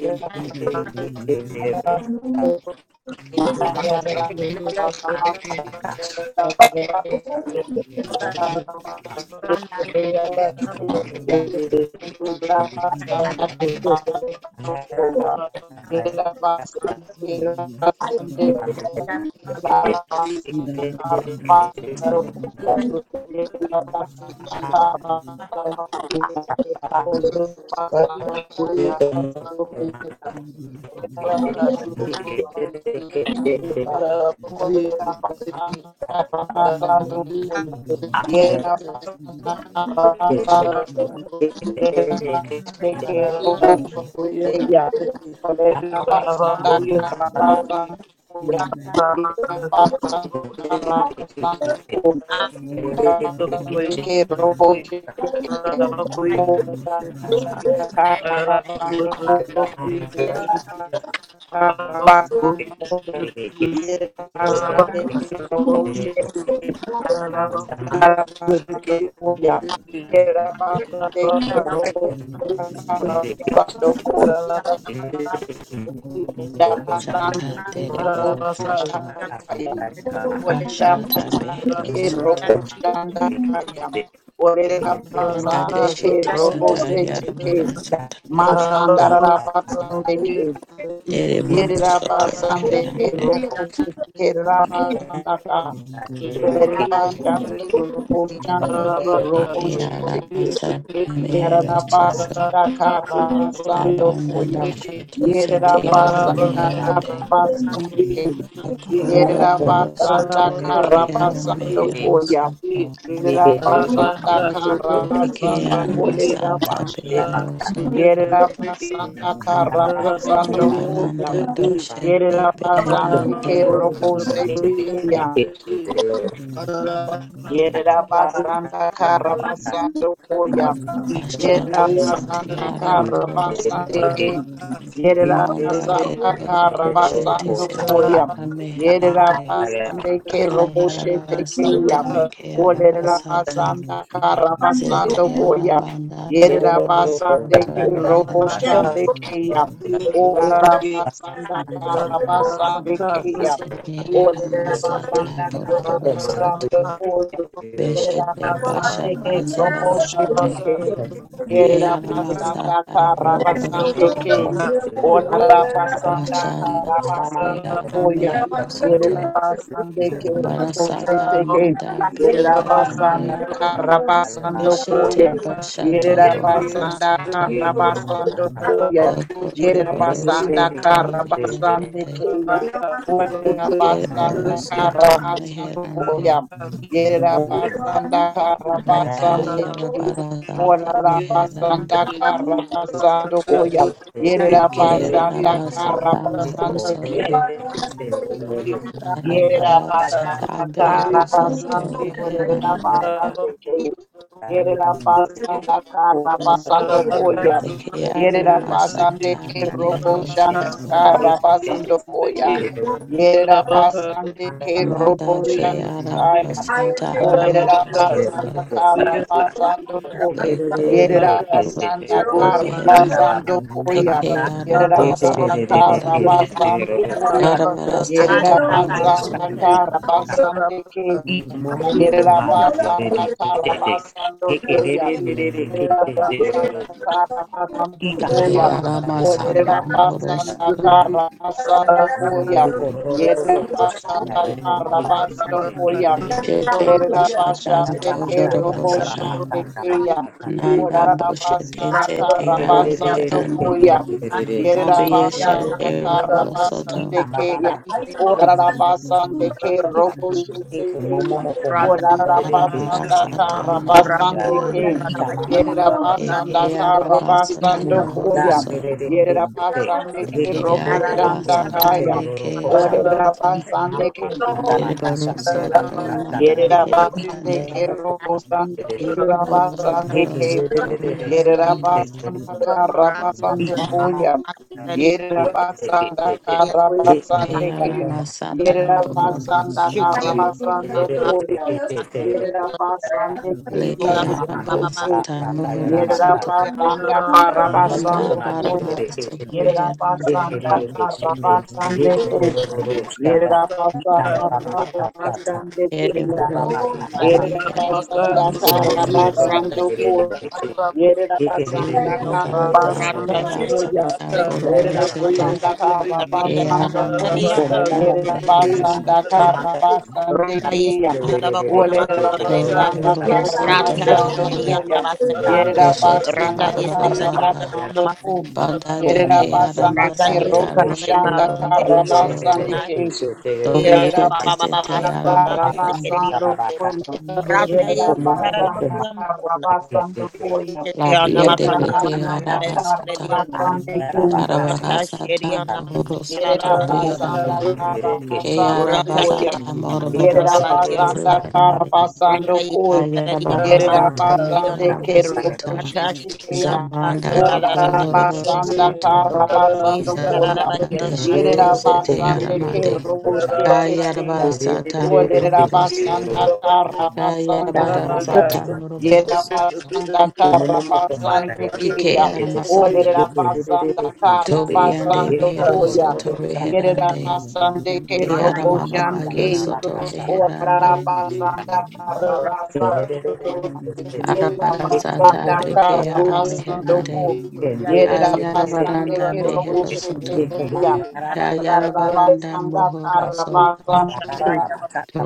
Thank you. Kela basam Kela Thank you. you. Thank you. Thank Yeah. Yerabasande you. Rabaka, Thank you. Shata Robo Dereboro Soto, Shandakaya. Orera Bashata basande Behero ke robo Soto, you. shanda kaya. Orera Banda de basande ke Shete robo Sata sete Yarabara ke. Sata, Thank Masandara basande ke. Dereboro Yerera Soto basande ke Herande, robo sete ke you. rabasanda ka. Thank you. Orera basande ke robo shande ke robo Eke sete ke. Arabasa Mehero Yerera Soto, Rabaka, basanda ka rabasando Yabanda do koya. Shoto Yerera Sete Yara basanda ka Meherande, rabasande ke. the Kolo Boro Soto, Yerabasanda Reke Yara Karabasando Mehero Koya. Soto, Yerabasanda Peke Karabasando Yara Salta Kolerabashe. Behero Soto, Yerabasanda Karabasando Koya. Arbalanda do Shete Yerabasandi Beherande, you. Kerobose Tekeya. Thank Yerabasanda Karabasando Koyam. Ashata sete Yerabasanda Karabasande araboroto. King. Manda de Yerabasanda Thank borokoshe te Karabasando Thank sete Koyam. arameherande. Yerabasande Keroboshe Ayarabara Tekeyam. sata meke arabasata. Olerabasanda Zete karara, Karabasando Koyam. arabanda doroboro Yerabasande soto meherande. Thank Keroboshande Keyam. Olerabasanda Karabasande Keyam. Zete Olera aramasata basanda kara boroboro basando soto. kula. Yerera Beshete basande ke bashata robo shete zarabarande. ke. Ke Yerera basanda aramasata kara boroboro basande ke. soto. Olera basanda Bashata kara sete basando kuya. Yerera arameherosoto. basande ke robo Barasata shete ke. Mada Yerera Biribadande basanda kara basando kuya. Yeshete Bashata Yerera Bogodo basanda Soto kara basando you. kuya. Yerera Dokododo basanda Thank you. kara Soto you. basande Hirande Thank ke. Thank Yerabasanda Kiriboro Soto Karabasando Meherande Koyam. Yerabasanda Karabasando Lakaya Ki. Rabarasata Orabasanda Meherande Karabasando Koyam. Ikea Yerabasanda Rabasata Mohoro Karabasando Ki. Soto you. Yerabasanda Arabarasata Thank Behero Karabasando Soto Koyam. Yera Hirande basan Ki. Yerera basanda kara basando koya. Ikea Yerera basande Ramasata ke robo Behero shanda Soto kara basando koya. Yerera basande ke Mata robo ke shanda you. kaya. arabasata you. Olerera Ararabaka, basanda mohorosata Sotoboya, kara basando Sotoreki, ko. doko Yerera Ararabaka, basanda Sotoboko, soto kara Sotoreki, beherande basando te koya. que Ararabaka, Yerera basanda arabasata Sotobokoya, kara bohorande Sotoreki, basando koya. you. Ararabaka, karabarasata Yerera Sotobokoya, Thank basanda you. bohorosoto Sotoreki, kara Ararabaka, Sotobokoya, Sotoreki, Ararabaka, Sotobokoya, Ararabaka, Sotobokoya, Sotoreki, basande ke. Ararabaka, I umum umbanda re re Yerabasanda ke te Karabasando ge ke re Koya. re re re re ke te te re ro Yerabasanda I Karabasando ka beke mama koya. manda ya ra aramasata ka sa ya Olerabasanda mohorosoto ka sa Sotobokoya, Sotoreki, Karabasando Ararabaka, Sotobokoya, koya. de ko ro ro ro ro ko sa ya Yerabasanda re ke te Karabasando te koya. ke ke bechete pashata I Orarabasande soto ke robo yorobarosata shete I keya. Thank nanda you. boshete zete arabeherande you. abiyeshete you. Sotoreki, rohorosoto Thank Randaise, Olerabasande Keroboshande Keya. Randaise, Olarabasanda arabarasata manda Randaise, karabasande ke. berebarande Randaise, Randaise, Yerabasanda Eke arabasata karabasando Thank mohoro koya. soto. Yerabasande ke Eke Randaise, robushanda arabasata kaya. meke arabasata. Olerabasande ke. Dereboro soto Ikamamamangabakashatayarabakasha. manda Thank Yerabasande dereborande. ke robushande you. ke Iko rabasande loroboro ke. soto reherande. Yerabasanda Karabasando Koya. Randaise, Yerabasanda Ke Karabasande Ki. aramasata bohoro Yerabasanda soto. Karabasando Koya. Yerabasande Ki Leke Rupuchite Ki. arabasata mohoro soto. Yerabasanda Anda Karabasando Koya. barabara soto reherande. Yerabasanda Karabasande Ki. Yerabasanda Thank you. Karabasande Ki. Dereboro soto Yerera Arabaka, basanda Iko kara mama reherabasata. basando yakabereka koya. kechete, Yerera yekebereka basanda Zimanda kara kechete, you. yereka basando darabara kechete, koya. sata Thank anda boroboro Yerera yaraba sete kasa, Randa basanda kara kasa. keara basando koya. Iko Kalayanda momo masata moko, Yerera behero basanda soto Yonda kara anda yaraba basande Ronda keya. kechete, yereka Yeskalabakona Olerera kechete, yereka Masakalayanda basanda kasa. doloroboro kara soto Rata Ika mama basando reherande Yanda koya. Masaka yaraba Yerera peshete Randa basanda barabara you. kara sata anda Yeskaladianda Kona yaraba basando Masaka koya. banda Yonda de komo Yerera momo keara komo, basande Randa anda ke masata yereka robo Yeskalay kechete, shanda rokoloroboro kara Masakayonda soto basande Kuna yekebereka ke. kechete, Kira yereka Yerera kasa. dobiete Sababa Baba sete basanda Ika ara Masakona kara mama beherande basando Masakayonda yaraba kasa, koya. Randa Yerera komo momo basanda komo, Yeskalabakuna kara Kuna anda basando kechete. koya. la Yanda biende Yerera Makanya beke Makanda Makona ara basanda yasa. kara basata Masakayonda basando Antara bakasa. darabara Rata sata Shirianda bohoro soto Iko Yerera momo Masakala yako beherande basanda kara marireke shete Kayara basando koya. basata rireke. Urakashenda Iko moroboro Yerera Masakarabakia sata tororo basanda santa. kara zuherande. basando Randai koya. Kayara Iko Saradion mama Yerera manda. basata Masakarion mekara basande kero basata. bushete Ratashirion keya. Zabanda Antara bakasa. Thank doko Ora Masakarabaki loroboro basanda soto. kara Randai basando koya. Zabanda Sakarabakia Iko deshete Yerera dororo sete koto Masakarion basande kero aramande. dororo kosa. you. bushete Kayara keya. basata Rireke Orera Thank you. moroboro shete rireke. basanda soto. kara Kayara Ika basando mama koya. basata manda. moroboro Yerera soto. basanda Iko kara momo moko manda basande rireke Ike keya. shete. aramasata. Orera Rireke basanda rireke kara shete. Dobi ande basando Iko behero koya. soto dororo santa. beherande. Yerabasande ke De Randai robo Thank aramababa yo shanke. soto beherande. Orarabasanda karabasando kuya. Arabara sata Yerabasanda beke ara karabasando meherande. ku. Ayara Yerabasande baranda ke robo behero shete soto. keya. Ayara baranda Orarabasanda mohoro soto. karabasande ke.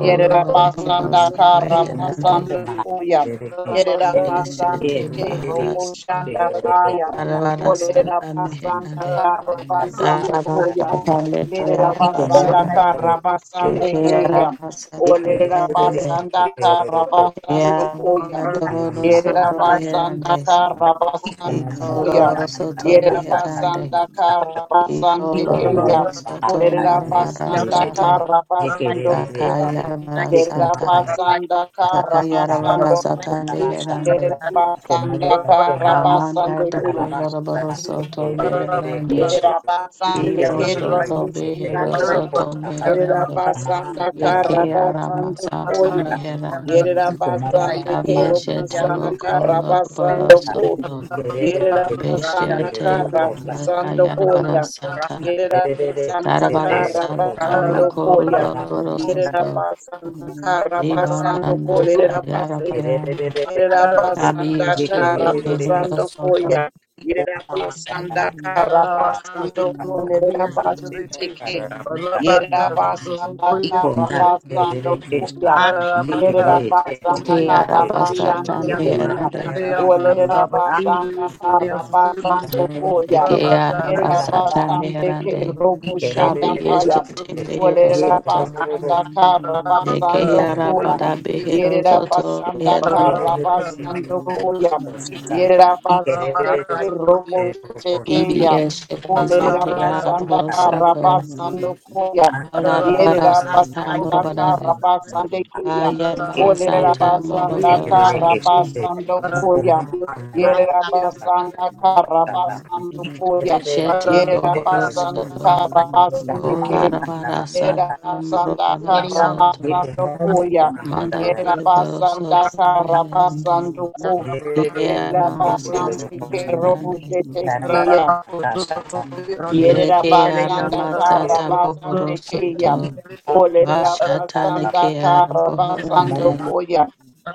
Yerera basanda barosa kara meherande. basando koya. Yerera you. basande Yeshete ke robo baharasa. shanda kaya. Arabara Olera sata basanda meherande. kara basando Darabara koya. Thank sata leke Yerera basanda arabasara. you. kara basande Eke keya. arabasata Olera meherande. basanda kara basando koya. Yarabara dohoro Yerera soto you. basanda meherande. kara Iko basando mama Iko koya. Rasa pomba loro na soto tata Yerera tata. meherande. basanda kara basande Iko mama keya. Ikolorosoto Olera basanda marabarasata kara basando koya. dakayarabarasata Yerabasanda Karabasando dakayarabarasata Kum. meherande Yerabasanda amanda Karabasando Yuna. dokoloroborosoto meherande Yerabasanda iboshoto Kerabusanda beherosoto Yerera meherande basanda kara basando ikearamasata koya. meherande Yerera basande Ikomama kero abiyeshete busana kara basando Ikonda, koya. rokoloroborosoto Yerera basanda beshete kara basando koya. banakayarabarasata Yerera Thank basanda you. kara darabarasata I basando believe koya. Yerera rokoloroborosoto basanda kara basando Ibanana kolerera Kayara Parande, Yerera Thank Abi basanda kara Shete Negro basando Soto, koya. Yerera basanda kara basando kolerera basiteke. Yerera basanda kara basando koya. Yerera basanda Ekeara kara Basata basande keya. Meherande, Olerera you basanda receive the kara answers to the basando mystery. koya. Ekeara Yerera Rabaka, Basata basande ke Meherande, robo Thank Kabi shanda kaya. Shete you. Mehero Olerera Soto, basanda kara basando Dekeara koya. Bada Behero Yerera Soto basanda Meherande, karabasando koya. Yerera basande ke robo Ibi chekeya. Shete Olerera Sete basanda Araboro Soto, karabasando you. koya. Thank Alarabara Yerera Sata basanda Morobarande, karabasande keya. Ayar Olerera Barasata basanda Moroboro Thank Soto, karabasando koya. Yerera basanda karabasando koya. Eshete Yerera Bohoro basanda Soto, Para karabasande ke. Olarabara Yerera Satam basanda Robaro Soto karabasando koya. Manda Yera de Baro basanda Soto kara Vihirande basando you. ko. Ikea Yera basandi Ramasata ke robo Brande shete feya. Yerera Lekea basanda kara Ramasata Boboro basande keya. Soto Olerera Bashata basanda Nekea kara basando Bohorande koya.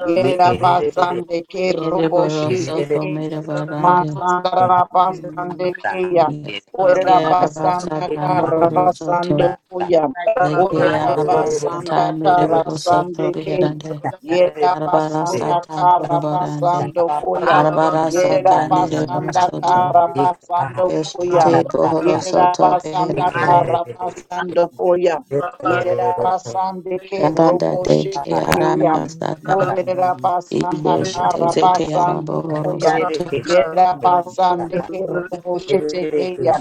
Yerera basande ke robo Kedeboro shete Soto ke. Mirabarande Masandara basande keya. Olerera Kea Rabasata basanda kara Mohoro Soto basando Thank koya. Lekea Olerera not Rabasata basanda kara Mirabaro Soto basande ke. Vihirande Yerera Arabara basanda Sata kara Thank you. Borobarande basando koya. Thank Arabara Yerera sata nirvana basanda soto. kara basando koya. Beshete bohoro soto Yerabasanda beherande. Karabasanda Koya. Yerabasande Ke Dabanda de ke arama Roboshitekeya. sata. you. Olerabasanda Ibeshete zete Karabasanda arabohoro Koya. soto. Yerabasande Ke Roboshitekeya.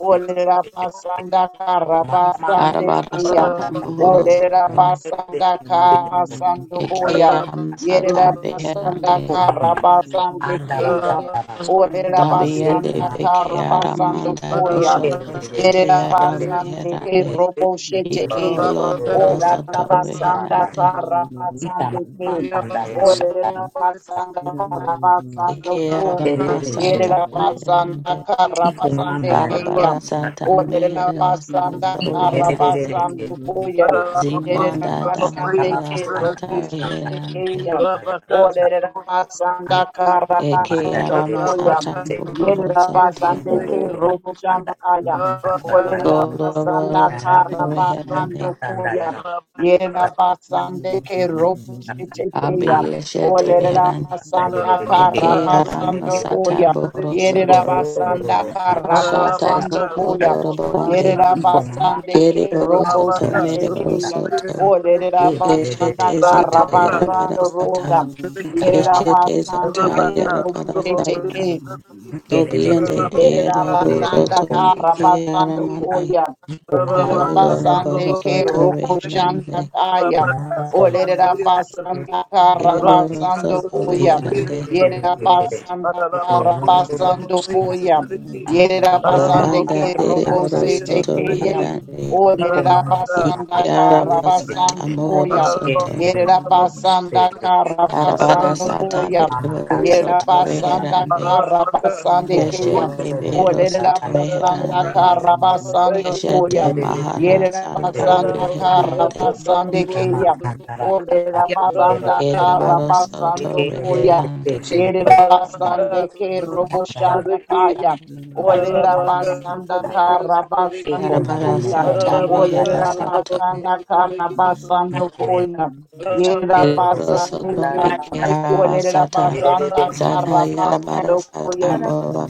Olerabasanda Karabasande Arabara Keya. sata bohoro soto. Olerabasanda Karabasanda Eke Koya. arama sata Yerabasanda beherande. Karabasande Keya. Orera Dabiende basanda beke kara basando aramanda koya. doshoto zete Yerera basande ke arabeherande. robo shete Iko ke. lorabara soto Orera basanda you. beherande. kara basande Itama ke. tanda ya sanda. Orera basanda kara you. basando Eke ko. arama Oh, Terere Thank se sata Yerera beherande. basanda kara Iko mama basande yara ke ya. Arabara sata shaka. Orera mehera basanda sata Ika kara oreherande. dererere basando keche koya. kiro shaka. Yerera Zibanda Ika basande darabara tababa ke kanda robo sata shaka shete ke reherande. ya. yara yara Orera Anda basanda yara kara Eke kumanda basando arama dererere koya. sata keche kiro. buhoro Yerera soto. Iko basande ke yara robo kanda shanda kaya. yara shaka Orera yara. Koloboro basanda Ika rama soto kara kanda reherande. yara basando kanda koya. yara shaka Yerera basande ke yara robo shaka. shete keya. Anda Abiyeshete yara Orera reherande. kumanda basanda dererere Eke keche kara kiro. arama basando sata koya. buhoro Iko Yerera soto. basanda yara Para kara la Mashata kanda vaca, basando zoto koya. loroborande. Yerera Mama, basande Kere ke boro robo soto Rabaka, mere shete so boro keya. soto. specifically, Orera basanda Keshete zata kara Rabaka, so yarabara the basando vocal koya. sata. Yerera Keshete basande you. zata ke Rabaka, so robo yarabara the shete vocal Thank you. ke. sata. specifically, Dobiende diera Rabaka, do so the Yerabasanda vocal soto meke Karabasando specifically, aramande. Koya. Rabaka, Yerabasande Kolorabara Ke Sotobokoye, soto Sotoriki, Roboshanda reherande. Kaya. Rabaka, Sotobokoye, Sotoriki, Orerabasanda Erebaro Rabaka, Karabasando soto is is Koya. the Sotobokoye, reherande. Sotoriki, Yerabasanda Ararabako, Karabasando Sotobokoye, Koya. Sotoriki, La Yerabasande banda Ararabako, Ke derebaro Sotobokoye, Robosete soto Kaya. Sotoriki, reherande. Ararabaka, Ike Orerabasanda Sotobokoye, Sotoriki, arabasata Karabasando mohoro Koya. Ararabako, soto. the Sotobokoye, Yerabasanda Sotoriki, Darabara Karabasando Ararabaka, sata Koya. berebaro Sotobokoye, soto the Sotoriki, Yerabasanda reherande. Ararabaka, Karabasande Kaya. Sotobokoye, Keshete Sotoriki, behero Olerera soto basanda reherande. kara basando Keshete koya. Mahara Yerera Sata basanda kara Beherande basande keya. Olerera Thank Thank basanda you. kara Ediboro Soto basando koya. Beherande Thank Yerera you. basande ke robo shanda kaya. Thank Olerera basanda kara basande Darabara keya. Sata Mehero Olerera Soto basanda kara basando koya. Yerera Ediboro basande Soto keya. Mekearaba Olerera Sata basanda Zata kara Yarabara basando Para Sata koya.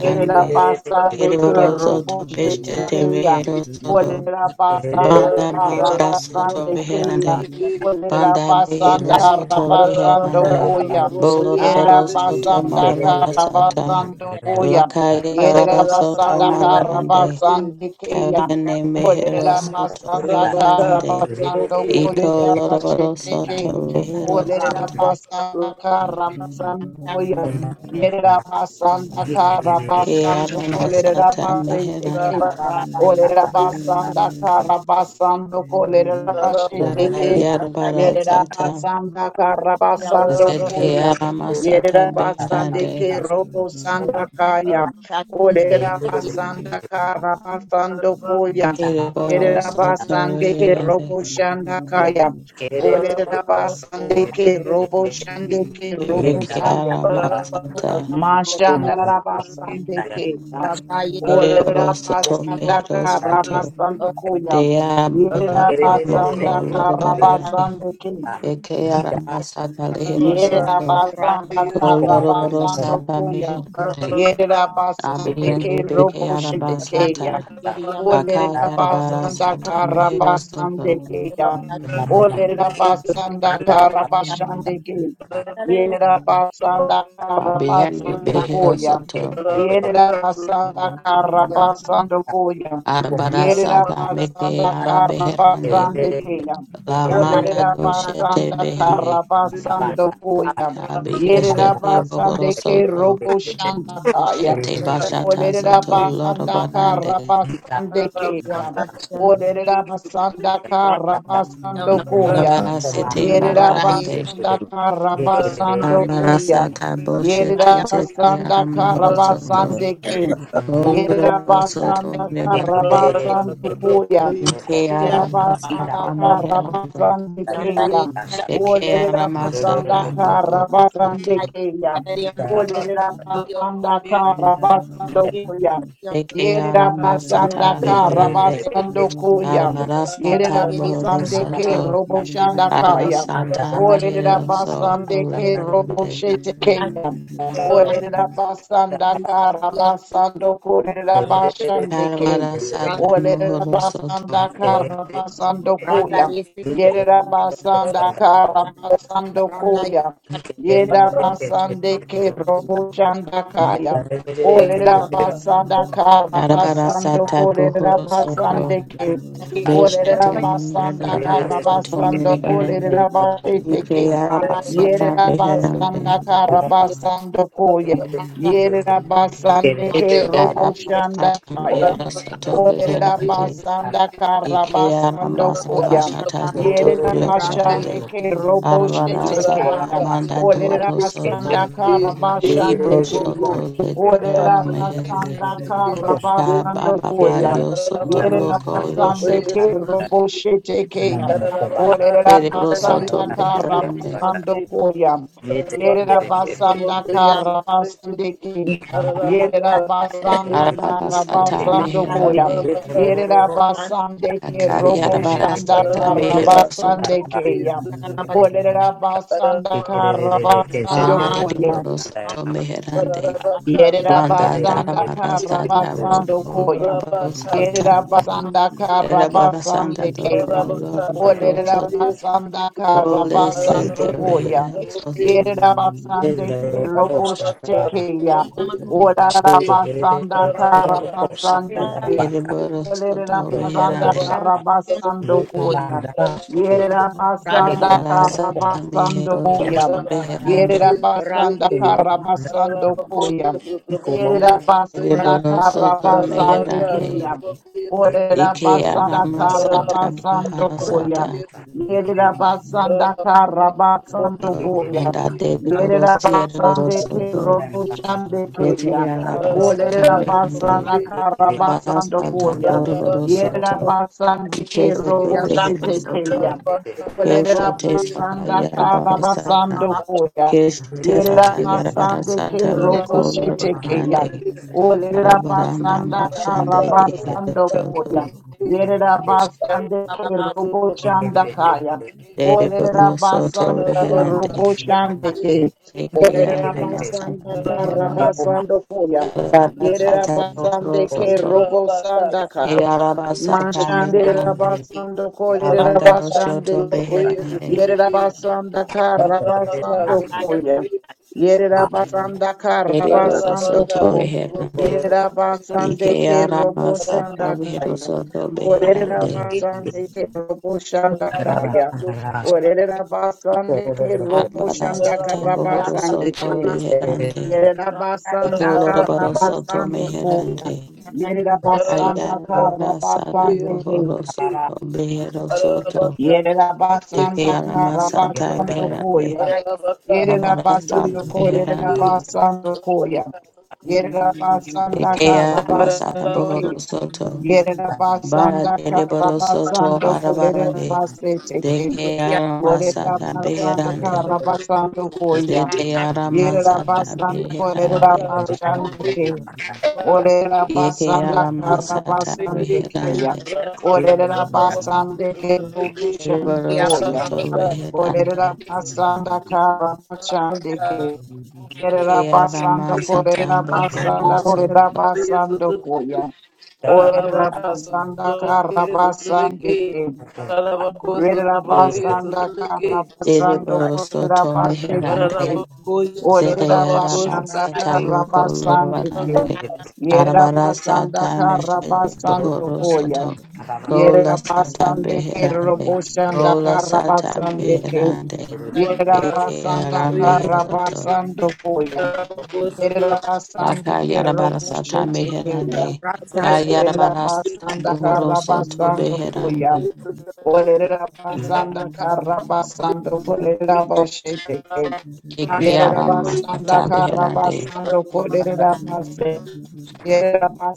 Yerera basande ke Rabaka, Ediboro Soto robo shete Beshete keya. Mehero Soto Olera basanda Banda kara Barbara Soto basande keya. Beherande Olera Banda basanda Behero kara Soto basando Beherande koya. Boloroboro Yerera Soto basanda kara Marabara Sata basando koya. Lakayarada Yerera soto basanda kara marabarande. basande keya. Kabene mehero Olera soto basanda kara beherande. basando koya. Iko lorobaro shete you. soto ke. behero Thank Olera soto. basanda kara basando koya. Thank Yerabasanda Karabasando Kiara masata meherande. Kolerabasiteke. Orerabasanda Karabasando Kolerabasiteke. Lakayarabara sata. Yerabasanda Karabasando Zete Koya. yara masata beherande. Yerabasandeke Robo Sanda Kaya. Orerabasanda Karabasando Koya. Kiribaro soto Yerabasandeke beherande. Robo Shanda Kaya. Orerabasandeke Robo Shandeke Robo Kiara Sandeke. masata. you. Mashanda Rabasande Kenya. Rabaya Ole Kiribaro soto Rabasanda mehero soto. Karabasando you. Koya. Deya you. Yere Thank masata Thank Oriam moko Rabasanda lorobarande. Karabasando Kaya. Eke aramasata lehero Yerera soto. basanda kara Rakyo Koloroboro basando sata koya. meherande. Yerera basande Abiyende ke beke robo shete keya. arabasata. Rakakiriam Olerera Akaya arabara basanda sata kara mehero basande soto. keya. you. Olerera basanda Thank kara basande ke. Yerera basanda kara Thank you. Abiyende basando behero koya. soto. the Yerera basanda kara basando koya. Arabara Yerera sata meke basanda kara arabeherande. basande keya. La manda Olerera doshete basanda behande. karabasando koya. Yerera Kabiyeshete bohoro basande ke soto. robo shanda kaya. Shete bashata Olerera soto basanda lorobarande. karabasande keya. you. Olerera basanda Thank karabasando koya. Arabara sete you. Yerera marabarande. Como basanda karabasando koya. Amarasata boshete Yerera zete basanda aramohosoto. karabasande ke. Yerera Kolorobosoto basanda nebarade. karabasando koya. Ike Rabasanda aramasata miherande. Karabasande Kaya. O Eke aramasata Lerabasanda Karabasande bohosoto. Kaya. O Lerabasanda Karabasando Koya. Yonder, Eke Yerabasanda aramasata beherande. Karabasando Randa Koya. Aramarasata Yerabasande ke bohosoto. Abarasata meherosoto reherande. Thank you. you. Yerabasandaka Rabasando Kore Rabashandeke. Aramarasata Yerera mohorosoto. basanda Rabaka, kara basando koya. Thank Yerera basanda kara basando koya. Yerera basande ke robo chanda kaya. Olera basanda kara basando Arabarasata kolera bohorosoto. basande ke. Soto Olera basanda kara basando kolera basete ke. Yerera basanda kara basando koya. Thank Yerera basande ke robo chanda kaya. Olerera basanda kara basando koya. Yerera basande you. ke robo Thank shete keya. Olerera basanda kara basande keya. Olerera basanda kara you. basando koya. Yerera loco basande ke yesete, robo shete keya. Olerera Erebro soto basanda kara meherande, basando koya. Yerera basanda kara basande Yerera basanda Arabara kara sata basando Yes, koya. meherande, you. Yerera basande Thank ke robo Akayarabara shanda sata kara mehero soto basande keya. Olerera basanda kara basando banda koya. deriboro soto Rabaka, meherande banda Yerabasanda darabara sata roko Karabasando Koyam. lorabaro sata Yerabasanda erabara santa Karabasande doko Kayam. lorabaro soto Olerabasanda bole sete Karabasando Koyam. rehero soto Yerabasande Kerobush Tekayam. Olerabasanda Karabasande Kayam. eriboro soto Olerabasanda reherande Karabasando Koyam. Yerabasanda arabara Thank you. Thank mehero Karabasando Arabaka, Koyam. soto Yerera meherande basanda karabasando koya. Yerera basanda eriboro soto karabasande meherande keya. you. Thank you. Orera ike basanda arama sata karabasando koya. Yerera basanda karabasando koya. Banda de Yerera Borosia de basande ke Borosoto, roboshande keya. Betia Labasata Orera Mekande, basanda karabasando Barasata koya. you. Yerera Boroborosoto, basande ke Chesa Kebe roboshite Herosoto, keya. Thank Kesha Olerera Tesata basanda kara Yarabarasata, basando Rabaka, koya. Kesha Yerera Tesata basande ke Yarabarasata robo Roko shete keya. Lurbarande, Olerera Arabaranda basanda kara Mashande de basando koya. Herosoto, Yerera basande ke robo shanda kaya. De Olerera Borosoto basande ke Reherande, robo shande ke. Eke Olerera Thank Alamasata basanda kara Beherande, basando koya. Yerera Arabarasata basande ke Borosoto, robo sandaka. Yarabasata Mashandera Beherande, basando Abanda kolerera Doshoto Beherande, Yerabasanda Karabasando Ratas, Koya. Yerabasanda Erebo Karabasando Ararabaka, Soto Ko. Beherande, Sotobokoye, Sotobokishi. Yerabasande Ke Ikeara Masata Robosanda Ararabaka, Behero Kaya. Soto Sotobokoye, Beherande, Sotobokishi. Orerabasande Ke Roboshanda Ararabaka, Kaya. Sotobokoye, Sotobokishi. Orerabasande Ke Abada Roboshanda Sata Ararabaka, Bohoro Karabasande Soto Ke. Sotobokoye, Beherande, Sotobokishi. Ararabakoye, Sotobokishi. Yerabasanda Ararabaka, Ikolorabaro Sotobokoye, Soto Karabasando Sotobokishi. Koya. Ararabaka, Beherande, Yerabasanda Ayarabara Sata Sotobokoye, Karabasande Ke. Bohoro Sotobokishi. Soto Behero Soto, Ararabaka, Sotobokoye, Yerabasanda Dekeara Sotobokishi. Masata Karabasando Beherande, Koya. Ararabaka, Arabara Sotobokoye, Sata Yerabasando Beherande, Korabasando Koya. you. Yerabasanda Ikeara Masata Karabasandi Bohoro Ki. Soto, Anda Bara Yerabasanda dere borosoto Karabasando Sotobokishi. barabarande. Korabasete Ki. Deke Para yara masata Orabasanda beherande. Karabasando Koya. Zete yara masata Yerabasando beherande. Korabasandi Ki. you. Orera Yeke yara basanda Thank kara masata basande keya. beherande. Orera basande ke Dere rubushan koya. borosoto Orera beherande. basanda kara basande ke. Orera Ke yara basanda masata korera basanda bohorosoto. orera basando koya. Orera basanda kara basande ke. Orera basanda kara Dere basando korera borosoto beherande. basete you. Zete Orera basanda Arabasata la Roko karabasande ke. Lorande Yerera basanda Arabarasata Meshete Amen. karabasando Bohoro koya. Soto Gola Yerera Sata basande ke Beherande roboshanda Gola Sata karabasande ke. Beherande Yerera Eke basanda Aramehero Soto karabasando koya. Yerera Laka basande ke Yarabarasata roboshete keya. Meherande Orera Kayarabarasata basanda Bohoro Thank Soto karabasando koya. Beherande Orera basanda karabasando koya. Eke Yerabasanda Aramasata Beherande Karabasando Korera Basi.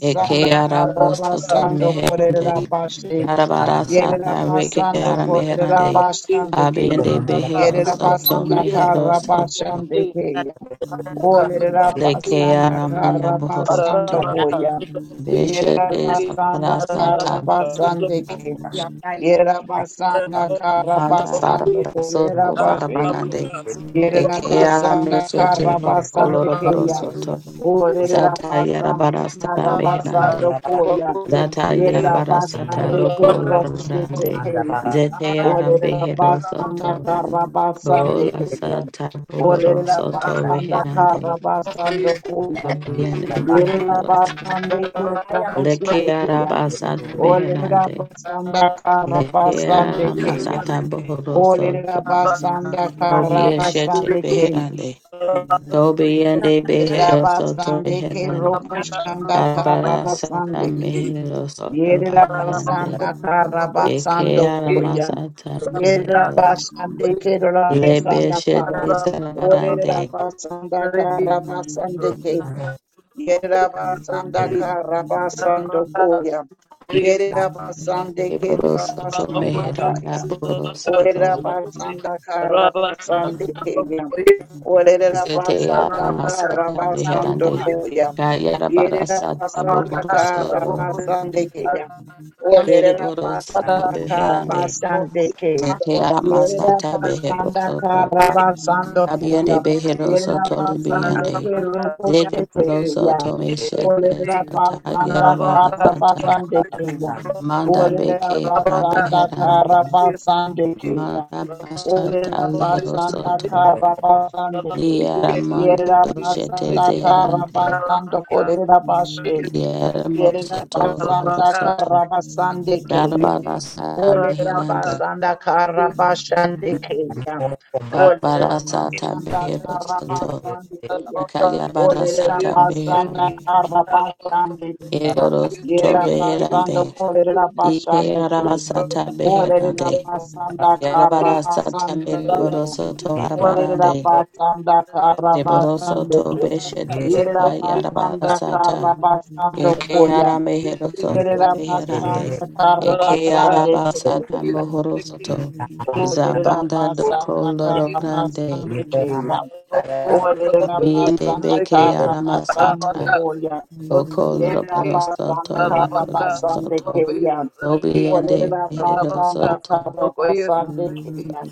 Eke Arabosoto Karabasando Korera Meherande Basi. Arabara sata reke Yerabasando ara Korera meherande. Basande King. Abiende behero soto Yerabasanda mehero soto. Karabasande King. Leke Olerabasanda ara manda bohoro Karabasando soto. Koya. Beshete sabara Yerabasanda sata. Karabasande King. Yerabasanda Anda Karabasando barabara Korera soto Basi. barabarande. Eke ara Para Yerabasanda mesote loko Karabasanda loroboro Kayan. soto. Zata Orerabasanda yarabara Thank sata Karabasanda meherande. Koyan. Zata yarabara sata Yerabasanda loko Keroshete lorobarande. Kayan. Zete ara behero soto. Orerabasanda Karabasanda Kola Kayan. sata bohoro soto Orerabasanda Thank reherande. Karabasanda Koyan. Abiende behero soto. Yerabasanda Leke Keroshete Kayan. araba sata beherande. Orerabasanda Leke Karabasanda arama Kayan. sata you. bohoro soto. Olerabasanda Robiye shete karabasande beherande. Thank Tobiende behero soto Yerabasande ke reherande. robo shanda Arabara sata karabasande ke. mehero soto Thank baharande. Yerabasanda Eke karabasando arama koya. sata behero. Yerabasande ke Lebe rabasanda kaya. shete zararande. Orerabasanda I'm not karabasande ke. Yerabasanda you. you. karabasando Rabaka, koya. Yerabasande ke Soto rabasanda Meheranda kaya. Boro Soto Orera basanda kara basande keya. Orera Zete basanda Yara kara Sata Meherande basando koya. Kayara Bara Yerera Sata basanda Bohoro kara Soto basande keya. Dere Orera Boro Soto basanda kara Beherande basande keya. Zete Yara Yerera Masata Behero basanda Soto kara basando Kabiende koya. Behero Yerera Soto basande Libiande kero Rabaka, Zete poshete Boro keya. Soto Meshete Orera Sata Yara basanda Bara kara Sata basande keya. Manda Olela Beke Yara basanda kara Beherande basande keya. Manda Basata Olela Lihero basanda Soto kara basande keya. Yaramanda Yerela doshete basanda a man. kara zeherande. basando kolela Thank Yerera Yaramosoto basanda bohorosoto. karabasande keya. Darabara sata Olera beherande. basanda karabasande keya. Darabara Olera sata basanda beherosoto. karabasande keya. Akayabara Olera sata basanda beherande. karabasande keya. Erorosoto Yerera basanda beherande. polera Ike basande keya. aramasata Olera beherande. basanda Yarabara sata karabasande keya. meriborosoto Olera arabarande. basanda karabasande Reborosoto keya. beshete Thank Yerera zata yarabara basanda karabasando Eke koya. ara mehero soto Yerera beherande. basanda kara Eke ara basande keya. basata Thank mohoro soto. you. Olerera Zabanda basanda doko Ararabacos, loro kara grande. basande keya. Olerera Abiende basanda beke kara ara basando masata. koya. Oko loro Yerera boro basanda soto kara boro basande soto. keya. Obiende Olerera behero basanda soto. kara basande keya.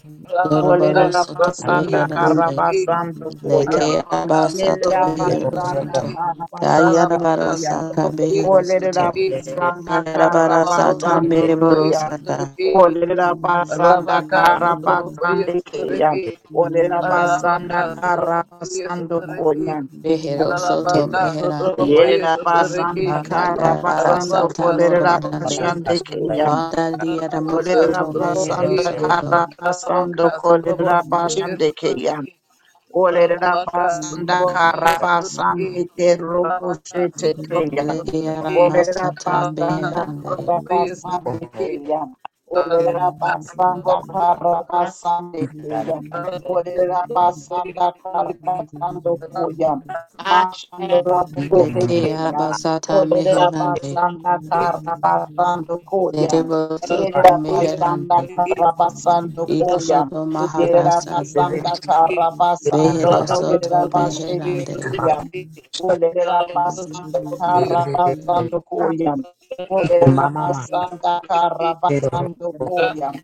Loro Olele boro la soto basanda Thank kara beherande. basando koya. Leke ara yele basata la behero basanda soto. kara basando Kayara bara koya. sata behero Olele la soto. basanda Kayara kara bara sata outro basando mere bom boro conheço, koya. outro sata. aqui. Olele la basanda Rabaka kara Sotrabokoye basando koya. Sotreki. Olele la basanda Rabaka kara Sotrabokoye karabasando koya. Sotreki. Mejero soto Rabaka you. mejerante. Sotrabokoye Yerera Sotreki. basanda Macaya para karabasando Santa Rabaka Moro la Sotrabokoye Barande. basande Sotreki. koya. Banda diaramo Rabaka Olerera soto mejero basanda Sotrabokoye. soto. karabasando Rabaka kolerera Sotrabokoye basande koya. Sotreki. Olerera Rabaka basanda Sotrabokoye karabasande Sotreki. ke robo Rabaka shete kriya. Sotrabokoye Sotreki. Lekearama Olerera sata Rabaka basanda mejerande. kara Sotrabokoye basande Sotreki. keya. Thank Rabaka, Olerera you. basanda kara basande keya. Olerera basanda kara basando koya. Mashandora bote you. Lekearaba keya. sata Olerera mejerande. basanda kara basando koya. Cerebro soto Yerera basanda mejerande. kara basando Iko koya. soto mahara Yerera sata. basanda kara basando Bejero Mama, kolerera soto basete mejerande. keya. Olerera basanda kara basando koyam. Olerera basanda kara basando koyam.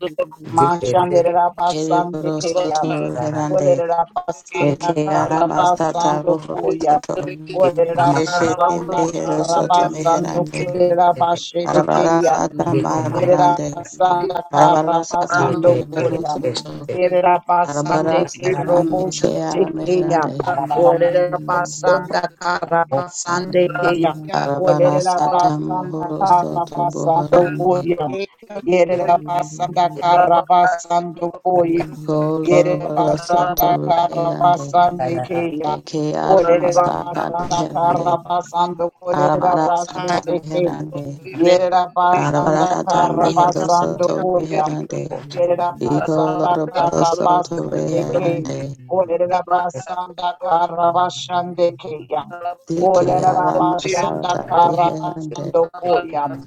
Mashanderera basande Erebro soto keyam. mejerande. Olerera basanda Lekearama kara masata basando rojo koyam. soto. Thank Olerera Keshete basanda behero kara Thank soto basando meherande. koyera bashere Arabara sata Derera marabarande. basanda kara Arabara sata basando mehero koya. soto. Derera Arabara basande sata kerobo meke shite ara keya. meherande. Orera basanda kara basande keya. Arabara Orera sata basanda mohoro kara soto basando bohorande. koya. Yerera basanda kara basando koya. Ko Yerera loroboro soto basanda kara meherande. Thank basande keya. Eke ara Orera masata you. basanda kara meherande. basando kolera Arabara sata Rabaka, bashite keya. meherande. Yerera Arabara basanda sata kara mehero basando soto koya. meherande. Yerera Iko you. basanda loroboro kara soto basande Thank ke. meherande. Olerera basanda kara basande keya. Deke Olerera arama basanda sata kara beherande, basando koya.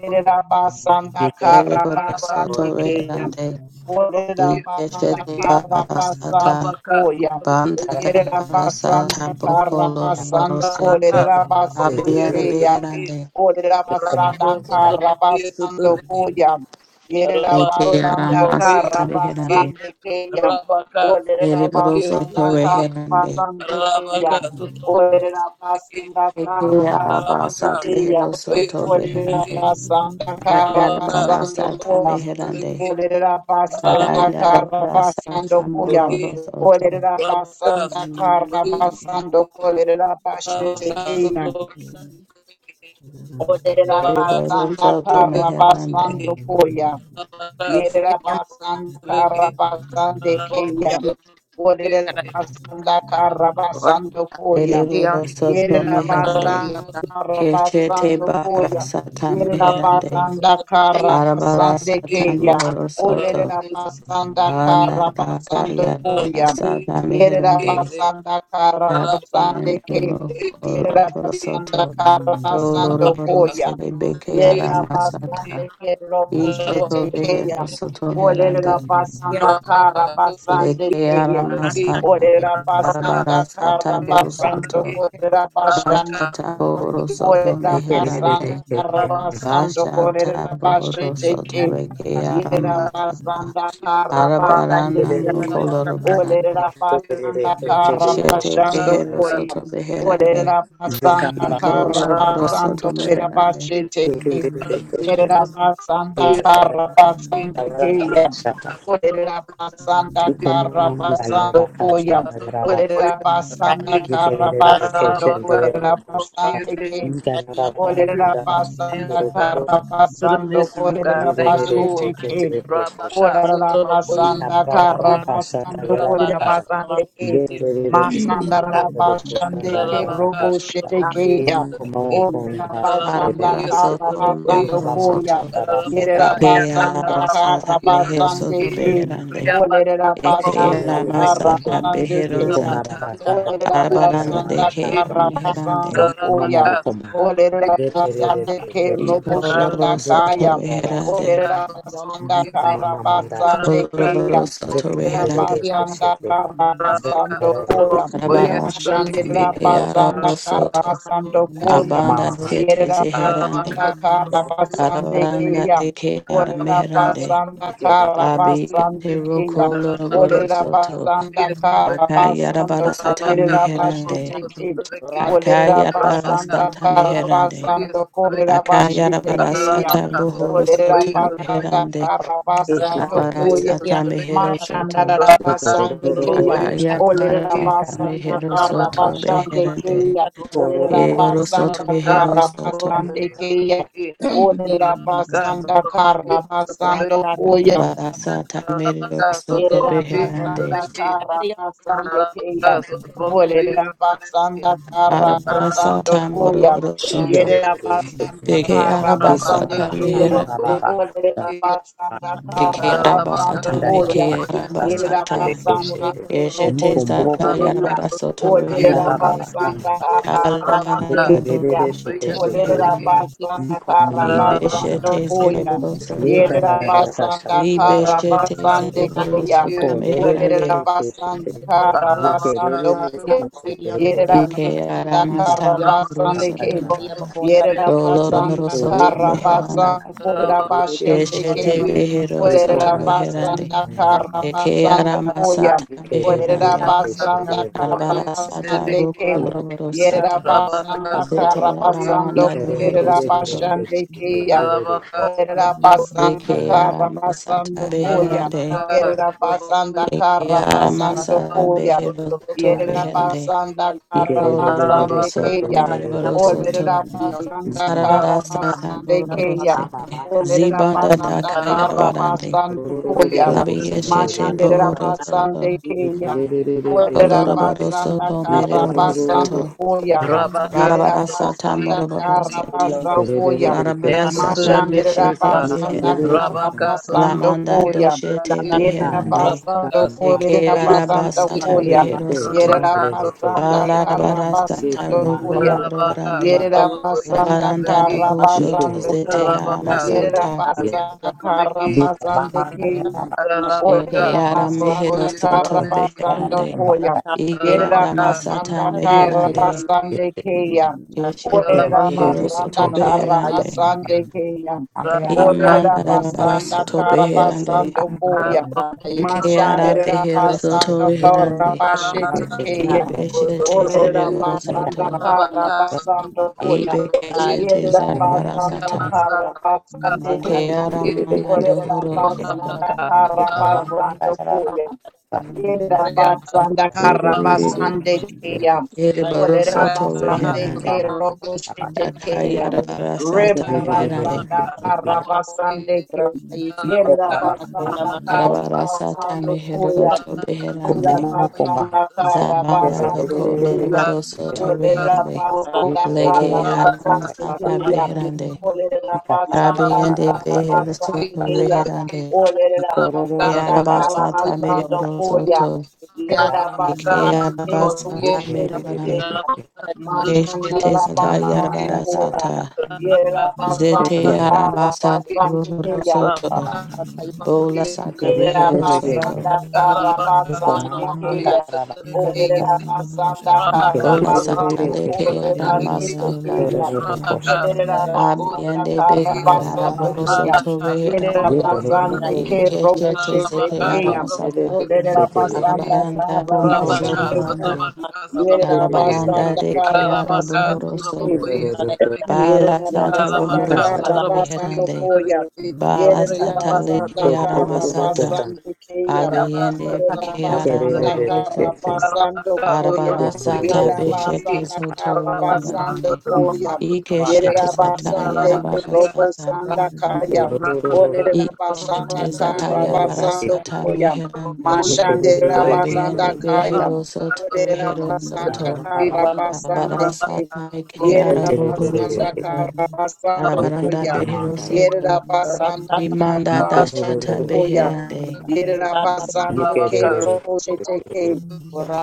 Yerera basanda kara ereboro soto basande keya. beherande, Olerera basanda ikeshete kara bahara sata, basando koya. banda da para sata Yerabasanda bokolo roboro Karabasan sete, abiyane Kolerabasya beherande, Olerabasanda Rabaka, Karabasando Koyam eke Rabako Yerabasanda arama sotobokoye sata sotobeki. beherande, Karabasande Kayam Rabaka ereboro sotobokoye soto Olerabasanda sotobeki. beherande, Karabasande Rabaka Kayam sotobokoye sotobeki. Olerabasanda eke araba Karabasande Rabaka sata behero Kayam soto sotobokoye beherande, sotobeki. Olerabasanda Rabaka ayarabara sata sotobokoye Karabasando beherande, sotobeki. Olerera basanda Rabako kara sotobokoye akayarabara sata basando koya. mohoro sotobeki. soto. Olerera Rabaka basanda kara sotobokoye sotobeki. Rabaka sotobokoye sotobeki. basando kolerera bashe Rabaka sotobokoye tekeya. you. Thank Olerera Ereboro basanda soto kara meherande. sotobeki. basando koya. Rabaka Yerera sotobokoye basanda sotobeki. karabasande keya. Thank Orera basanda karabasando koya. Ereboro soto Yerera meherande. basanda Keshete karabasando bahara koya. sata Yerera meherande. basanda Arabara karabasande sata keya. mohoro soto. Orera basanda Banda daka karabasando yara koya. sata Yerera meherande. basanda Abien karabasande and keya. emo Yerera koloroboro basanda soto. karabasando Doloroboro koya. sede beke yara Yerera basande masata. ke robo shete Ishoto keya. behero soto you. Olerera herande. basanda kara basande Leke yara keya. masata. Olerera basanda Arabara kara sata boro basando soto. korera basande. Bashata Boro Soto you. Orera Meherande. basanda Thank karabasando Bashata korera Boro Soto basheteke. you. Reke Yera Aramasata. basanda Randa karabasande Arabarana yari keya. anda Mokoloro randa Orera Barande. basanda Shete karabashando Behero koya. Soto Beherande. Orera basanda Iko Loro karabasando Soto korera Meherande. basheteke. you. Yera basanda Como karabasande keya. Orera basanda Thank you. karabasando koya. Olerera randa basanda kara basando kolerera basande ke. Olerera basanda kara to the basando mysteries, God. kolerera Thank you, basete Lord. ke. Rabaka, Olerera Sotoba, Koye, basanda kara basando you. kolerera Rabaka, Sotoba, basande ke. Koye, Thank Masanda rara basande ke Rabaka, robo shete Sotoba, yara Koye, ke ya. Sotoba, con Olerera la Rabaka, basanda Koye, Arabara que se kara te, Soto Sotoba, yo basando Meboro como la koya. Soto. canta Rabaka, Yerera Eke Yanaka, la basanda Rabaka, kara Arasata Koye, Mehero basande Soto Sotoba, ke. Beherande. Reabasa, Olerera Thank you. Eke basanda Aramasata karabande Behero keyam. Sata. Olerera Arabaranda basanda Deke Arameherande. karabasando koyam. yari Olerera basande ke roboshanda shanda Ikoloroso tome kayam. herande. Olerera basanda karabasande keyam. Ikoloroso tome Olerera herande. Rabaka, basanda karabasando koyam. Arabara sata Mashandera meke basanda arabo soto. karabasando koyam. Abanda doshete Yerera zeherande. basanda karabasande Arabaranda keyam. deke Orera arameherande. basanda kara basanda Abiyate kenya. roko loroboro Orera soto. basanda kara basanda Akayarabara sata korera anda meherande. bashete kenya. Rata Orera Akayarabara basanda sata kara you. meherande. basanda korera I'm bashete Akayarabara kenya. sata not boho Orera soto basanda meherande. kara basanda Abara koya. sata mehero Mashanda soto. basanda kenya. Akayarabara Orera sata basanda mehero kara soto basanda beherande. kenya. Orera Rabaka, Eero basanda soto behero kara soto. basanda kenya. Orera basanda kara basando koya. Arabara sata mehero Rabacas, soto otro Yerera piso de beherande. basanda aquí. kara basande keya. Rabacas, otro piso Orera de aquí. basanda kara Arabara basando sata Rabacas, koya. otro moroboro Thank piso soto. Yerera de aquí. basanda Deke kara araba basande sata you. Rabacas, keya. otro piso meherande. de Orera aquí. basanda Deke kara Rabacas, araba sata basando otro koya. meke piso araba de Yerera aquí. sata. basande ke robo Eshete zata chete keya. yarabara Rabacas, soto otro piso Orera de beherande. aquí. basanda kara basande Rabacas, Kalabaranda keya. doko otro shete piso de Orera aquí. beherande. basanda kara Libe Rabacas, shete basando otro koya. zereboro piso de soto. Yere aquí. Yerabasanda Libe shete Karabasande Rabacas, cerebro otro Kaya. soto piso de aquí. meherande. Olerabasanda a Rabaka man. Karabasando Rasa Kaya. Edion Thank Yon Eke Yerabasanda arama Yon sabo huro Karabasande Kaya. soto. Yabakonda Doloro Yon bro Yerabasanda Nipo soto makanda Rasa meherando. Karabasando shirere Yon Kolerabashete Yon Kaya. keshete Keshete Yamakon behero yeko soto Kanale rarara meherande. Olerabasanda kanda Rasa yapa Eke Karabasando arama Babaka Koya. sata ikerere Rasa meherande. Edion Olerabasanda keshete roko Arbara sata Karabasande ruko Kaya. Rasa loro tarabaka Yon sete. Yerabasanda Yamakunda Zete Rasa Karabasando aramanda ikerere duhoro soto. Kolerabashande keshete Yon Kaya. rere keshanda Rasa Yerera Yes basanda Deke yapa kara arama sata basando Yon Yon koya. Rasa Yon Rasa Yon Yon Rasa Yon beherande. Yamakon Rasa Yerera Yon basanda Rasa Eke kara arama basando sata koya. behero soto Yerera beherande. basanda kara Iko ikerere loro basande soto keya. keshete mere bro roko soto. Olerera basanda mama kara Zarabara Santa basande Boroboro keya. ama Sete, maka Olerera Zibanda da basanda kara Rabaka Kayarabarande, basando rororororo koya. Labi kosanda Eshete Yamakon rere Mashandera Bohoro basande Soto, Thank keya. Yon Olerera Coloroboro Yamakon basanda Soto you. kara Rata Merero you. basando Soto, koya. Thank Yerera Larabara Santa Sotomokoyes, basanda and Moroboro kara believe we Sete, basando receive koya. the Larabara answers to the Santa Mashandera mysteries, Beshete God. basanda Beherande, Rabaka karabasando Lamanda Sotomokoyes, koya. and Doshete believe. Yerera Beherande, Rabaka basando Eke korera Sotomokoyes, Araba and basando believe. Santa koya. Rehero Soto, Yerera Rabaka basanda Sotomokoyes, and Balarabara believe. Santa karabasando Roko koya. Rabaka Lorobarande, Yerera Sotomokoyes, basanda and Labaranda believe. Doko Shoto karabasando Zete ko. Rabaka Sotomokoyes, and Yerera Aramasata, basanda believe. karabasande keya. Eke Rabaka Orera ara mehero basanda Sotomokoyes, and soto believe. karabasando beherande. koya. Ike Yerera ara Rabaka, basanda masata meherande. karabasande keya. Keshete Orera mehero basanda soto kara beherande. basande keya. Iko Orera Imanda darabara basanda soto kara beherande. basando koya. Eke ara Mashandera behero soto basanda kara beherande. bashete keya. Ibeshete Orera zereboro basanda soto. kara basando koya. Ibe keshete Yerera zarabara you. basanda sata. kara basande Eke keya. ara mana Orera dohoro soto. basanda Rabaka, kara basando koya. Yerera basanda kara basande keya. Ereboro Olera soto basande ke beherande. robo shete ke ya. Akayarabara barasata Reba meherande. basanda kara basande ke. Yerera basanda kara Arabara sata Rakyat basando Thank mehero koya. to mama Ila beherande. you. komba basanda kara Zabanda basande doko kriya. lorobaro soto Olera beherande. Thank basanda kara Leke arama basande sata kriya. beherande. Olera basanda Kabiende kara behero basande soto kriya. beherande. Olera Ke basanda araba kara sata basando merebaro kriya. soto. Yerera Eke basande araba kriya sata boshe merebarande. kriya. Mashanda Keshete la sata basando yarabara kriya. sata. Yerera Zete basanda araba kara sata basande rohoro kriya. soto. Bola Yes. sata behero Rabaka, soto. Yerabasanda Randa Karabasande Rabaka, Kaya. Thank Olerabasanda Bola sata Karabasanda leke arama Korebashite sata. Kaya. Olerabasanda Abiende beke Karabasanda araboroso Koya. toreherande. Yerabasande Ke Ikeshete Robushite zete Kaya. aramasaka. Olerabasanda Arabaranda boko Karabasanda Koya. lororande. Reabasa, Arabaranda Yerabasanda you. deke Karabasande Ye araboroso Kaya. to. Bala sata Yerabasanda rohoroso Karabasanda toreherande. Koya. Bala sata Yerabasanda leke Trabacosa, aramasata. Trebeki, Karabasandikayam. Abiende beke Yerabasanda aramohoroso to. Karabasando Koyam. Arabarasata beshete Yerabasanda zoto Karabasando lororande. Koyam. Ikeshete sata Yerabasande Robo yarabarasata. Sanda Kayam. Olerabasanda Ikeshete zata yarabara Karabasando sata Koyam. meherande. Mashande Rabasanda Abiyende Kayam. you. behero soto Oh. behero Olerabasanda soto. Rabaka, Arabara Karabasande Kayam. sata eke arabohoro Yetia Yerabasanda soto. Karabasando Arabaranda Koyam. behero Yerera soto. basanda Rakata Rimanda karabasando dashata koya. beherande. Yerera basande ke robo shete ke.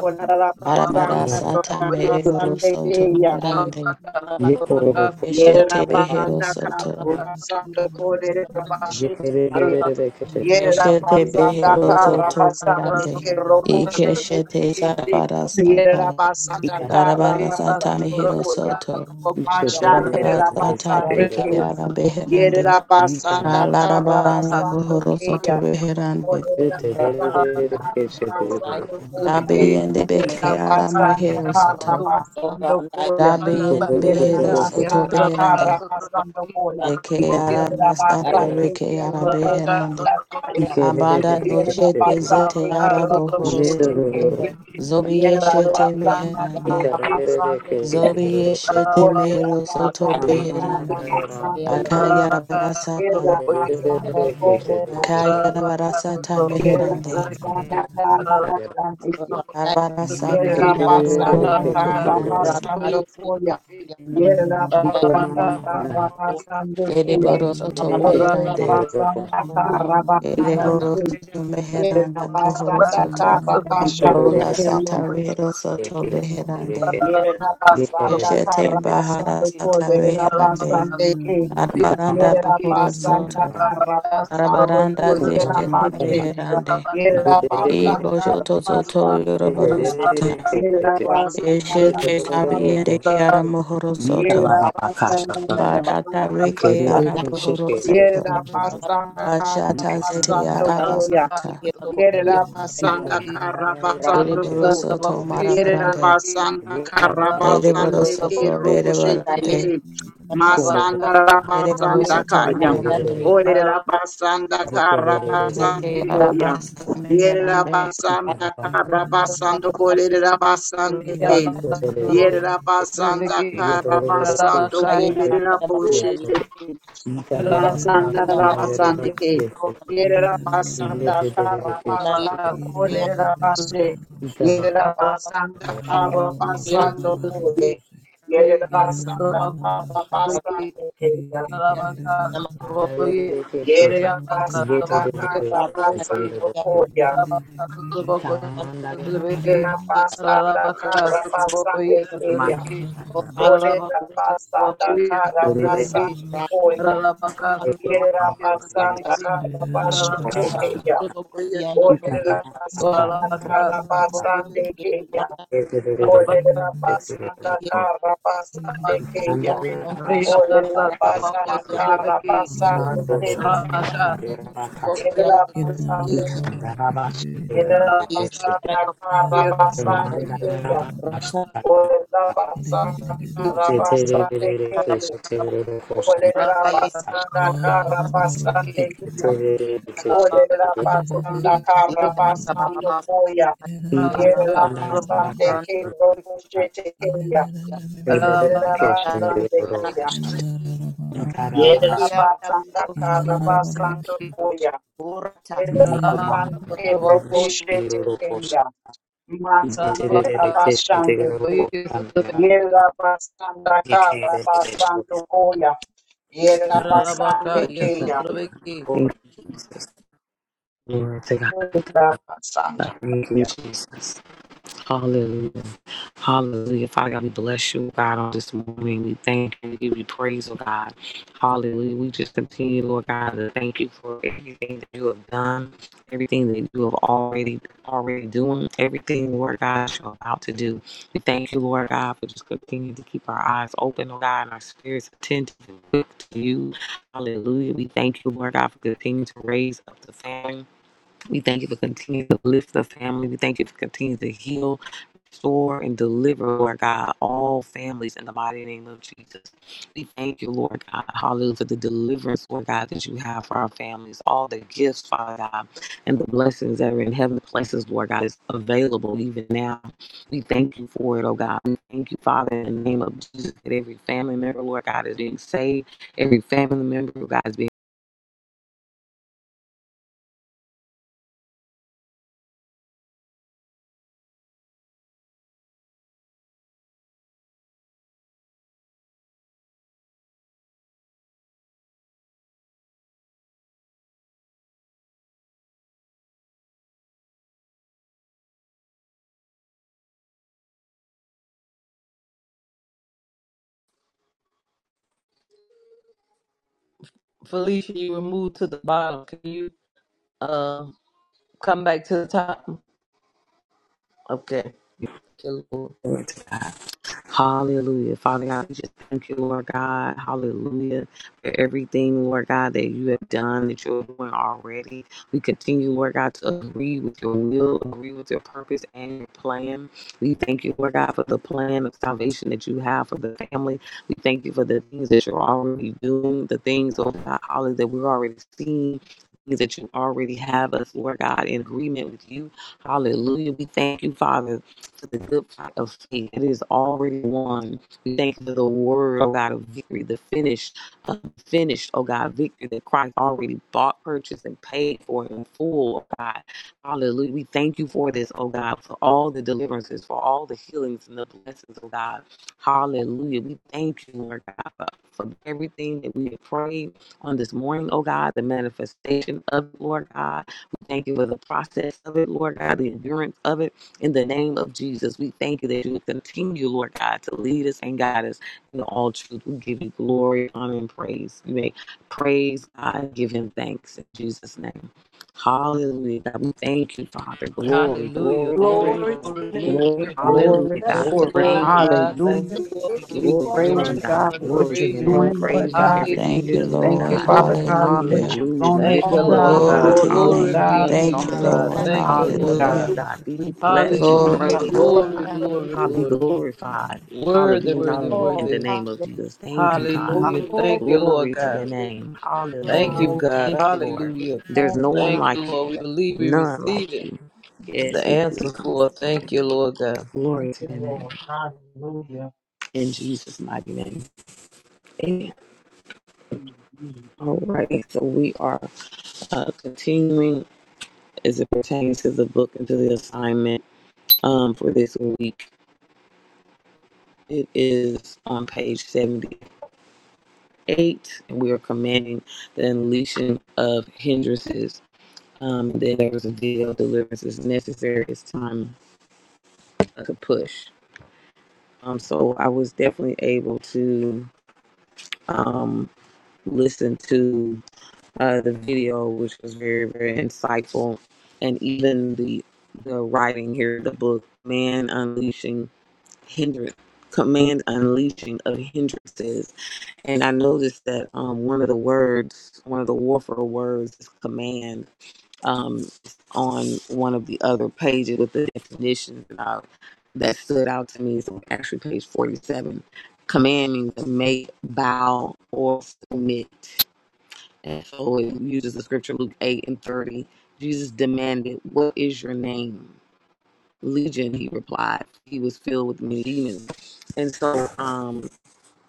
Onara Arabara basanda sata merevoro karabasande soto keya. berande. Keshete Yerera behero basanda soto. karabasando korere bashete ke. Yerera Keshete basanda behero soto karabasande berande. ke robo shete Ikeshete ke. zarabara Yerera sata. basanda Arabara Thank sata karabasando mehero koya. soto. Ikararere Mashandere Arabara sata rabasande beke arabeherande. Yerabasanda Alarabaranda Karabasanda buhoro soto Kaya. beherande. Orera Thank Basanda you. Karabasanda Koya. Lebeke, Dabeyende beke Abaka, Yerabasanda aramehero soto. Yabazo, Karabasanda Koya. Alaba, Dabeyende Aya, behero soto Yerabasanda Yarabaka, beherande. Karabasanda Sotrabakoye, Koya. Eke arabasata Sotrabakoye, Yerabasanda reke Rabaka, arabeherande. Kiroboshanda Kaya. Abanda doshete Yerabasanda zete arabohoro soto. Kiroboshete Yela Zobiyeshete basanda meherande. kara basanda kuda. Zobiyeshete Orela mehero soto Rata basanda kara beherande. basanda kuda. Akayarabara sata. Yela basanda kore basanda Kayara kuda. barasata Yela meherande. basanda kara basanda kuda. Arabarasata Yela basanda muhoroto kara meherande. basanda kuda. Yela Iko mama basanda mama kara basanda kuda. Ereboro soto you. ita Orela meherande. basanda Thank kara ita basanda Rabaka, Ereboro kuda. soto baba Yela meheranda buhoro basanda kara soto. iko basanda Rola sata kuda. rehero soto meherande. Yerabasanda Eshete bahara Karabasando sata meherande. Kolerabasande Ke Arabaranda buhoro Yerabasanda soto. Karabasando Arabaranda mama deshete Kolerabande meherande. Ibo Yerabasanda soto soto basando Karabasando yoroboro Koya sata. Yerabasanda Eshete sabiende Karabasando kiara Ke muhoro soto. Yerabasanda Barata Thank Karabasando reke Koya araboro soto. Yerabasanda Bashata zete Karabasando Koya Rabakaya, arabasata. you. Yerabasanda Karabasando Ereboro soto marabarande. Yerabasanda Ereboro Karabasande Ke soto Roboshete Ke merebarande. Masanda Ereboro Rabasanda soto Kaya meherande. you. Olerabasanda Thank Karabasanda Ete Koya arabasa meherande. Yerabasanda you. Karabasanda Kolerabasande Ke Randa Yerabasanda Karabasanda Kolerabosete Masanda Rabasande K. Yerera Basanda Rata, Karabasando Kodera Bashe. Yerera Rabaka, Basanda Karabasando Kode. Yerera Basanda Karabasando Kaya. Adalebe keshete. Yerera Igete Basanda delebe keshete Karabasando delebe. Koya. Kamandagara. Yerera Basanda Karabasande Kaya. Mamandagara. Odera Basanda Delebe Karabasando Koya. keshete Yerera mamandagara. Basanda Thank Karabashe Kaya. Olerera Ikarara aka. basanda kara Rabaka, basande keya. Igete delebe Olerera Rabaka, keshete basanda delebe. kara basande keya. Kandagara rasha Olerera delebe basanda keshete. kara basande Yokororo. keya. Kandagara rakasa. Yerera basande Ikandara bashe delebe Yerera keshete. basanda kara basande Ikamandagara keya. bakasa. Olerera basanda Thank kara you, basande Jesus. keya. Glory Olerera basanda kara basande keya. Olerera basanda karra basando koya. Yerera basande ke robo shete keya. Yerera you. basande keya. Thank you, Father. Eke Yerera ata basanda karra basando bando. koya. Ora Yerera basande ke robo shete keya. Masande la basande ke. Yerera basanda karra basando koya. Yerera basande yes, keya. to Yerera God. basanda. Thank you, Jesus. Hallelujah. Hallelujah. Father God, we bless you, God, on this morning. We thank you. We give you praise, oh God. Hallelujah. We just continue, Lord God, to thank you for everything that you have done, everything that you have already already doing, everything, Lord God, you're about to do. We thank you, Lord God, for just continuing to keep our eyes open, oh God, and our spirits attentive and quick to you. Hallelujah. We thank you, Lord God, for continuing to raise up the family. We thank you for continuing to lift the family. We thank you for continuing to heal Restore and deliver, Lord God, all families in the mighty name of Jesus. We thank you, Lord God, hallelujah, for the deliverance, Lord God, that you have for our families, all the gifts, Father God, and the blessings that are in heavenly places, Lord God, is available even now. We thank you for it, oh God. We thank you, Father, in the name of Jesus, that every family member, Lord God, is being saved. Every family member, Lord God, is being Felicia, you were moved to the bottom. Can you um come back to the top? Okay. Thank you, Lord. saved. Hallelujah. Father God, we just thank you, Lord God. Hallelujah. For everything, Lord God, that you have done, that you're doing already. We continue, Lord God, to agree with your will, agree with your purpose and your plan. We thank you, Lord God, for the plan of salvation that you have for the family. We thank you for the things that you're already doing, the things, oh God, hallelujah, that we're already seeing. things That you already have us, Lord God, in agreement with you. Hallelujah. We thank you, Father to the good fight of faith. It is already won. We thank you for the word, oh God, of victory, the finished, uh, finished, oh God, victory that Christ already bought, purchased, and paid for in full, oh God. Hallelujah. We thank you for this, oh God, for all the deliverances, for all the healings and the blessings, oh God. Hallelujah. We thank you, Lord God, for, for everything that we have prayed on this morning, oh God, the manifestation of it, Lord God. We thank you for the process of it, Lord God, the endurance of it. In the name of Jesus, we thank you that you continue, Lord God, to lead us and guide us in all truth. We give you glory, honor, and praise. You may praise God, give him thanks in Jesus' name. Hallelujah. God, we thank you, Father. Glory, Hallelujah. glory, glory, Glory, Glory to glory. glory, the name. Glory, glory. Oh, glory, Hallelujah, bless Thank God. your you, name. glory. Lord Thank you, God. Thank Jesus. Hallelujah. you, Lord. We give you We the You Glory are to your praise glory, worthy. name, you, the God. God, honor, for the Glory what you're to your praise. name. Lord, doing, Lord Praise you for Glory God. to everything Thank your you're you, Hallelujah. We name. doing, thank Thank Lord. you, Thank you, God. you, Lord Father Father. God. God, and what Hallelujah. you're Hallelujah. We going to For Thank lift you, do, you all up, Lord oh God. that Glory God. God. to your are Oh, Glory Hallelujah. name. be God, Be we unto in Thank give you, you, our exalted. you God. God, Lord. lives, we glory, Thank give thank you, you you. Lord We God. Hallelujah, Hallelujah. God. praise God. Be We we blessed. praise Be you. Glory and thank we Hallelujah. to praised, God. oh you, Glory, God. give God. glory, God, be glory. you. glorified. Hallelujah. you Be Worthy, worthy, known in Oh, the worthy. name of hallelujah. Jesus. Thank you, Thank you, God. Hallelujah. God. Glory Thank Glory, to you, God. Lord Glory to your God. name. Bless your glory, Thank Hallelujah. you, name, We Father. God. thank you, Hallelujah. Lord. Hallelujah. There's Thank no you, one Thank Lord. you, like you. Lord. We glory. believe we None like receive it. you. you. The Yes, we answer believe. for it. in this. thank you, Lord God. Thank Glory to you, your name. Lord. In Jesus' mighty name. Amen. Hallelujah. All right, so we are uh, continuing as it pertains to the book and to the assignment um, for this week. It is on page 78, and we are commanding the unleashing of hindrances. Um, then there was a deal, deliverance is necessary, it's time uh, to push. Um, so I was definitely able to um, listen to uh, the video, which was very, very insightful, and even the the writing here, the book, "Man Unleashing Hindrance." Command unleashing of hindrances, and I noticed that um, one of the words, one of the warfare words, is command. Um, on one of the other pages with the definitions and all that stood out to me is actually page forty-seven. Command means to make, bow, or submit and so it uses the scripture Luke 8 and 30. Jesus demanded, What is your name? Legion, he replied. He was filled with many demons. And so, um,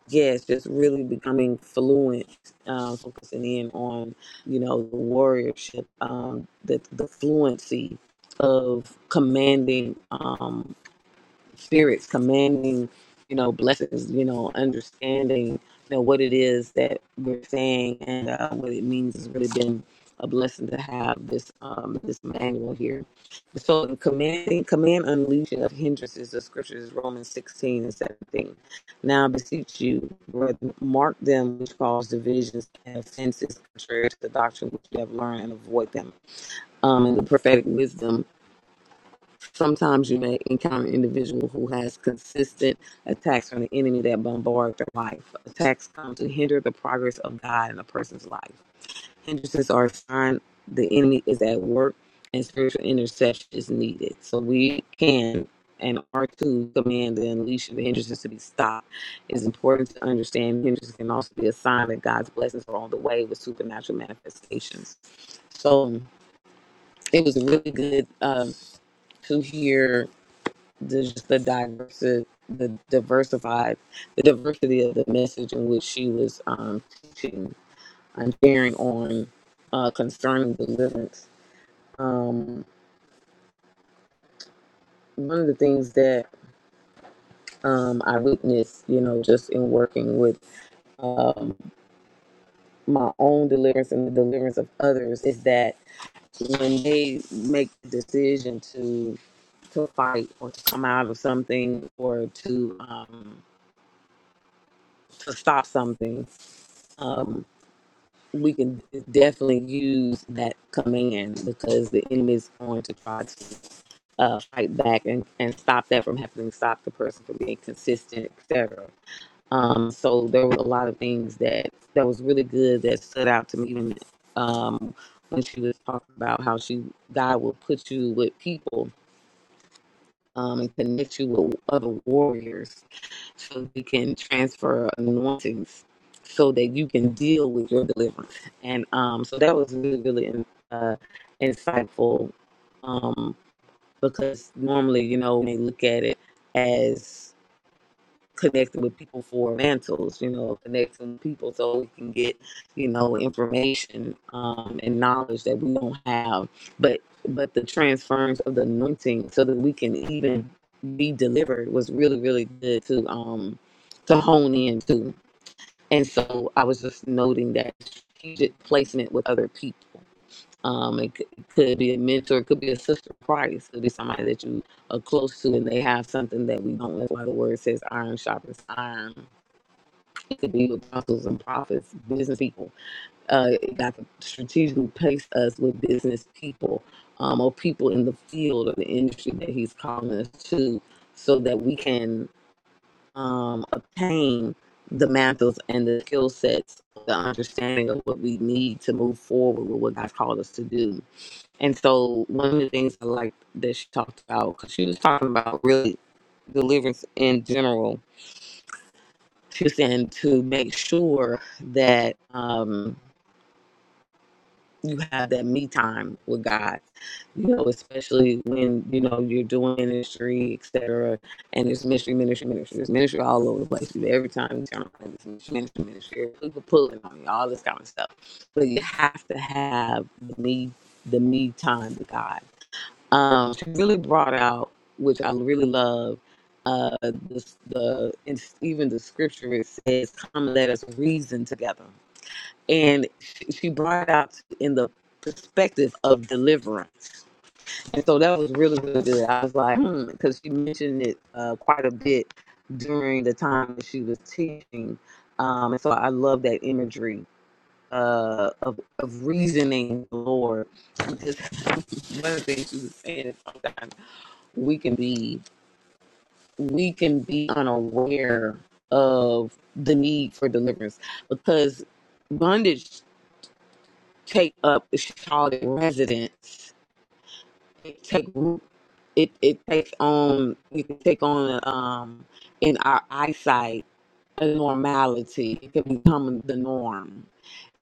yeah, it's just really becoming fluent, um, focusing in on, you know, the warriorship, um, the, the fluency of commanding. um, spirits commanding you know blessings you know understanding you know what it is that we're saying and uh, what it means has really been a blessing to have this um this manual here so the commanding command unleashing of hindrances the scriptures is romans 16 and 17 now I beseech you brethren, mark them which cause divisions and offenses contrary to the doctrine which you have learned and avoid them um and the prophetic wisdom Sometimes you may encounter an individual who has consistent attacks from the enemy that bombard their life. Attacks come to hinder the progress of God in a person's life. Hindrances are a sign the enemy is at work and spiritual intercession is needed. So we can and are to command the unleashing of hindrances to be stopped. It's important to understand hindrances can also be a sign that God's blessings are on the way with supernatural manifestations. So it was really good um, to hear there's just the diverse, the diversified, the diversity of the message in which she was um, teaching and sharing on uh, concerning deliverance. Um, one of the things that um, I witnessed, you know, just in working with um, my own deliverance and the deliverance of others, is that when they make the decision to to fight or to come out of something or to um, to stop something, um, we can definitely use that command because the enemy is going to try to uh, fight back and, and stop that from happening, stop the person from being consistent, etc. Um, so there were a lot of things that that was really good that stood out to me even um, when she was talking about how she God will put you with people um, and connect you with other warriors so you can transfer anointings so that you can deal with your deliverance. And um, so that was really, really in- uh, insightful um, because normally, you know, when they look at it as connecting with people for mantles, you know, connecting with people so we can get, you know, information um, and knowledge that we don't have. But but the transference of the anointing so that we can even be delivered was really, really good to um to hone in to. And so I was just noting that strategic placement with other people. Um, it could, it could be a mentor, it could be a sister in Christ, it could be somebody that you are close to and they have something that we don't. That's why the word says iron sharpens iron. It could be apostles and prophets, business people. Uh, God could strategically place us with business people um, or people in the field or the industry that He's calling us to so that we can um, obtain the mantles and the skill sets, the understanding of what we need to move forward with what God's called us to do and so one of the things I liked that she talked about, because she was talking about really deliverance in general, she was saying to make sure that um, you have that me time with God, you know, especially when, you know, you're doing ministry, et cetera, and there's ministry, ministry, ministry, there's ministry all over the place. Every time you turn around, there's ministry, ministry, ministry, people pulling on you, all this kind of stuff. But you have to have the me, the me time with God Um, she really brought out, which I really love, uh, the, the and even the scripture it says, "Come, let us reason together." And she, she brought out in the perspective of deliverance, and so that was really really good. I was like, because she mentioned it uh, quite a bit during the time that she was teaching, um, and so I love that imagery uh, of of reasoning, with the Lord. Because [LAUGHS] one of the things she was saying is sometimes we can be we can be unaware of the need for deliverance because bondage take up solid residence it take root it, it takes on it can take on um in our eyesight a normality it can become the norm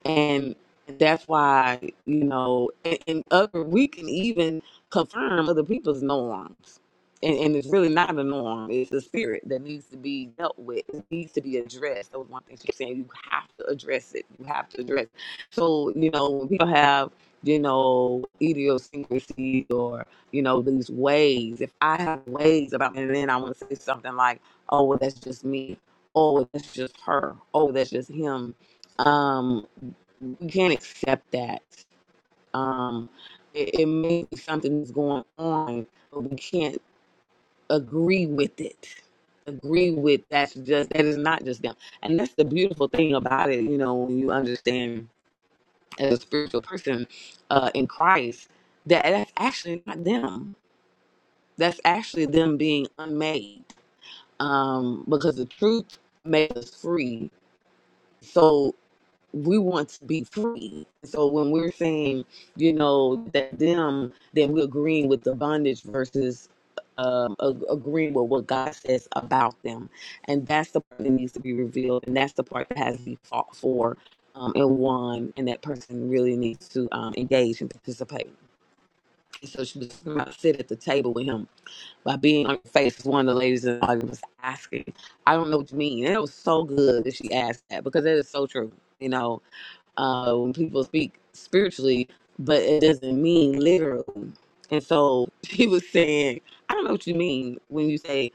and that's why you know and, and other we can even confirm other people's norms and, and it's really not a norm it's the spirit that needs to be dealt with it needs to be addressed that was one thing she was saying you have to address it you have to address so you know when people have you know idiosyncrasies or you know these ways if i have ways about me, and then i want to say something like oh well that's just me oh well, that's just her oh well, that's just him Um, we can't accept that. Um, it, it may be something that's going on, but we can't agree with it. Agree with that's just that is not just them, and that's the beautiful thing about it. You know, when you understand as a spiritual person uh, in Christ that that's actually not them. That's actually them being unmade, um, because the truth makes us free. So we want to be free. So when we're saying, you know, that them, then we're agreeing with the bondage versus um, ag- agreeing with what God says about them. And that's the part that needs to be revealed. And that's the part that has to be fought for um, and won. And that person really needs to um, engage and participate. And so she was talking about sit at the table with him by being on your face. One of the ladies in the audience was asking, I don't know what you mean. And it was so good that she asked that because that is so true. You know, uh, when people speak spiritually, but it doesn't mean literal. And so [LAUGHS] she was saying, I don't know what you mean when you say,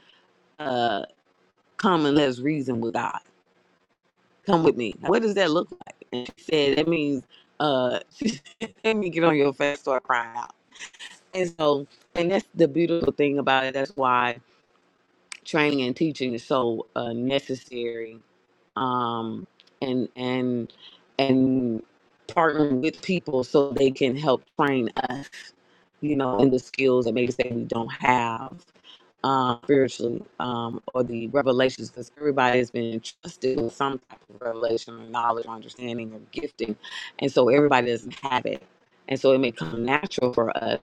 uh, come and let's reason with God. Come with me. What does that look like? And she said, that means, uh, [LAUGHS] she said, let me get on your face, start crying out. And so, and that's the beautiful thing about it. That's why training and teaching is so uh, necessary um, and and and partnering with people so they can help train us you know in the skills that maybe say we don't have uh, spiritually um, or the revelations because everybody has been entrusted with some type of revelation or knowledge or understanding or gifting and so everybody doesn't have it and so it may come natural for us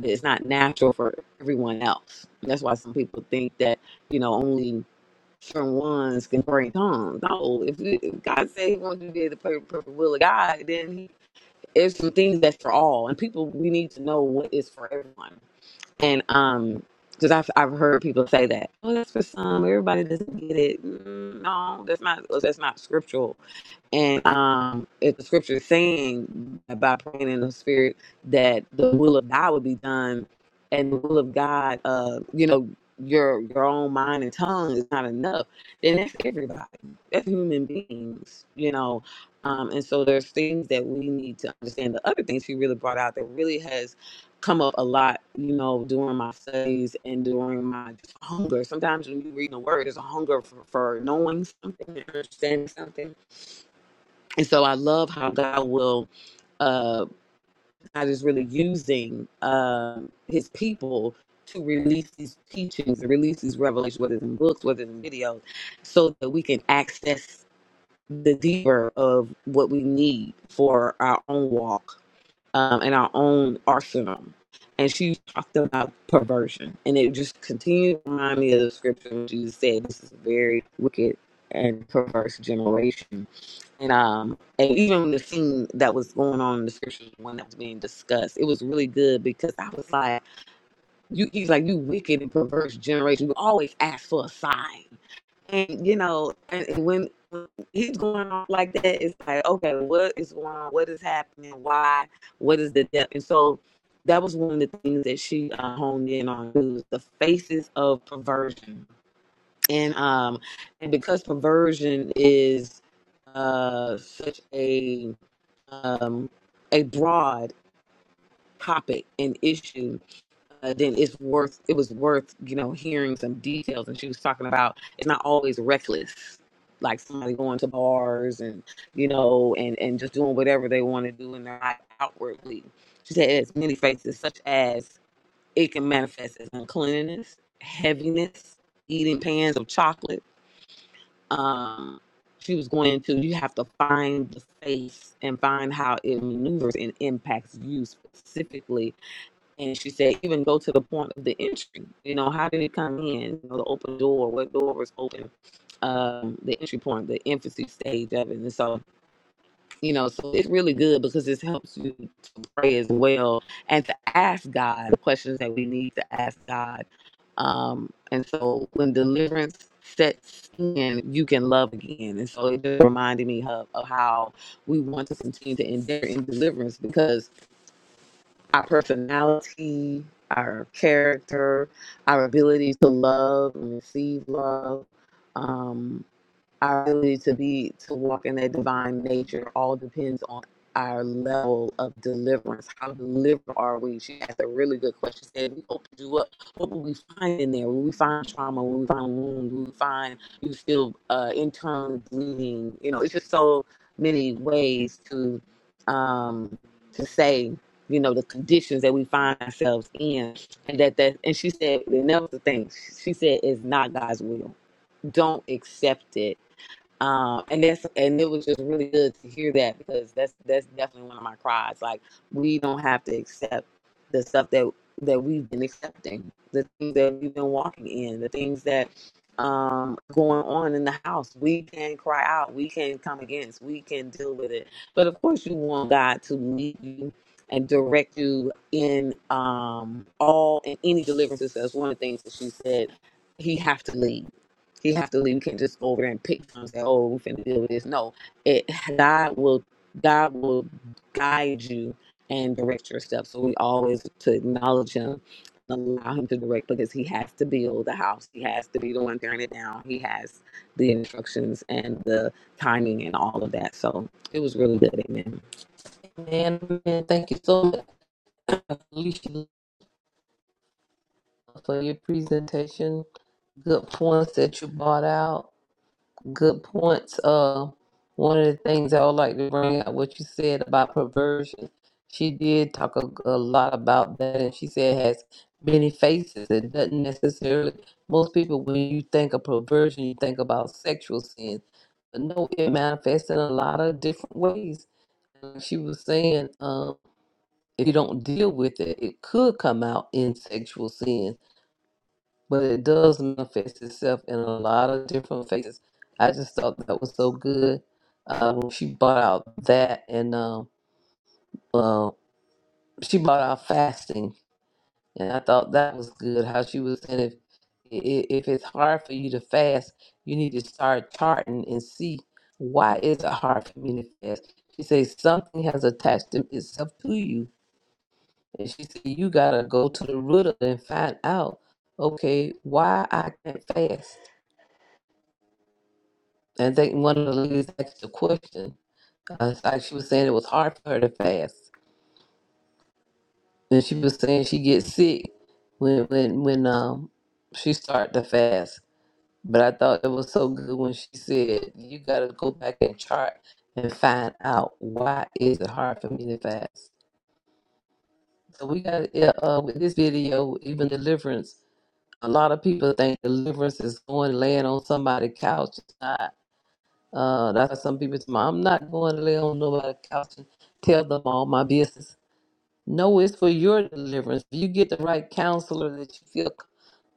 but it's not natural for everyone else And that's why some people think that you know, only certain ones can pray in tongues. No, if, you- if God said He wants you to be able to pray the perfect will of God, then he, it's some things that's for all, and people we need to know what is for everyone. And um, because I've I've heard people say that, oh, that's for some. Everybody doesn't get it. Mm, no, that's not that's not scriptural. And um, if the scripture is saying by praying in the spirit that the will of God would be done, and the will of God, uh, you know, your your own mind and tongue is not enough, then that's everybody. That's human beings, you know. Um, and so there's things that we need to understand. The other things she really brought out that really has come up a lot, you know, during my studies and during my hunger. Sometimes when you read the word, there's a hunger for, for knowing something, and understanding something and so I love how God will uh God is really using um his people to release these teachings to release these revelations, whether it's in books, whether it's in videos, so that we can access the deeper of what we need for our own walk um, and our own arsenal. And she talked about perversion, and it just continued to remind me of the scripture when Jesus said, "This is a very wicked and perverse generation." And um, and even the scene that was going on in the scriptures when that was being discussed, it was really good because I was like, you, he's like, you wicked and perverse generation. You always ask for a sign, and you know, and, and when when he's going on like that, it's like, okay, what is going on? What is happening? Why? What is the depth? And so that was one of the things that she uh, honed in on: was the faces of perversion and um and because perversion is uh such a um a broad topic and issue uh, then it's worth it was worth you know hearing some details and she was talking about it's not always reckless like somebody going to bars and you know and and just doing whatever they want to do and they're not outwardly she said it's many faces such as it can manifest as uncleanliness heaviness eating pans of chocolate um, she was going into you have to find the space and find how it maneuvers and impacts you specifically. And she said, even go to the point of the entry. You know, how did it come in? You know, the open door, what door was open, um, the entry point, the infancy stage of it. And so you know so it's really good because this helps you to pray as well and to ask god the questions that we need to ask god um and so when deliverance sets in you can love again and so it just reminded me of, of how we want to continue to endure in deliverance because our personality our character our ability to love and receive love um, our ability to be to walk in that divine nature all depends on our level of deliverance. How delivered are we? She asked a really good question. She said, "We opened you up. What will we find in there? Will we find trauma? Will we find wounds? Will we find you still uh, internal bleeding? You know, it's just so many ways to um, to say." You know the conditions that we find ourselves in, and that that and she said, and that was the thing. She said, "It's not God's will. Don't accept it um, and that's and it was just really good to hear that because that's that's definitely one of my cries. Like we don't have to accept the stuff that that we've been accepting, the things that we've been walking in, the things that um going on in the house. We can cry out, we can come against, we can deal with it. But of course you want God to lead you and direct you in um all in any deliverances. That's one of the things that she said. He have to lead. He have to leave. You can't just go over there and pick from and say, "Oh, we finna deal with this." No, it God will God will guide you and direct your steps. So we always to acknowledge Him, allow Him to direct because He has to build the house. He has to be the one tearing it down. He has the instructions and the timing and all of that. So it was really good. Amen. And thank you so much, Alicia, for your presentation. Good points that you brought out. good points. Uh, one of the things I would like to bring out what you said about perversion. She did talk a, a lot about that, and she said it has many faces. It doesn't necessarily. Most people, when you think of perversion, you think about sexual sin, but no, it manifests in a lot of different ways. Like She was saying, um, if you don't deal with it, it could come out in sexual sin but it does manifest itself in a lot of different faces. I just thought that was so good. Um, she brought out that and um, uh, she brought out fasting, and I thought that was good. How she was saying if i- if it's hard for you to fast, you need to start charting and see why is it hard for me to fast. She says something has attached to- itself to you, and she said you gotta go to the root of it and find out. Okay, why I can't fast And I think one of the ladies asked a question. Uh, like she was saying it was hard for her to fast. And she was saying she gets sick when when when um she start to fast. But I thought it was so good when she said, You gotta go back and chart and find out why is it hard for me to fast. So we got yeah, uh with this video, even deliverance, a lot of people think deliverance is going laying on somebody's couch. It's not. Uh, that's why some people say, I'm not going to lay on nobody's couch and tell them all my business. No, it's for your deliverance. If you get the right counselor that you feel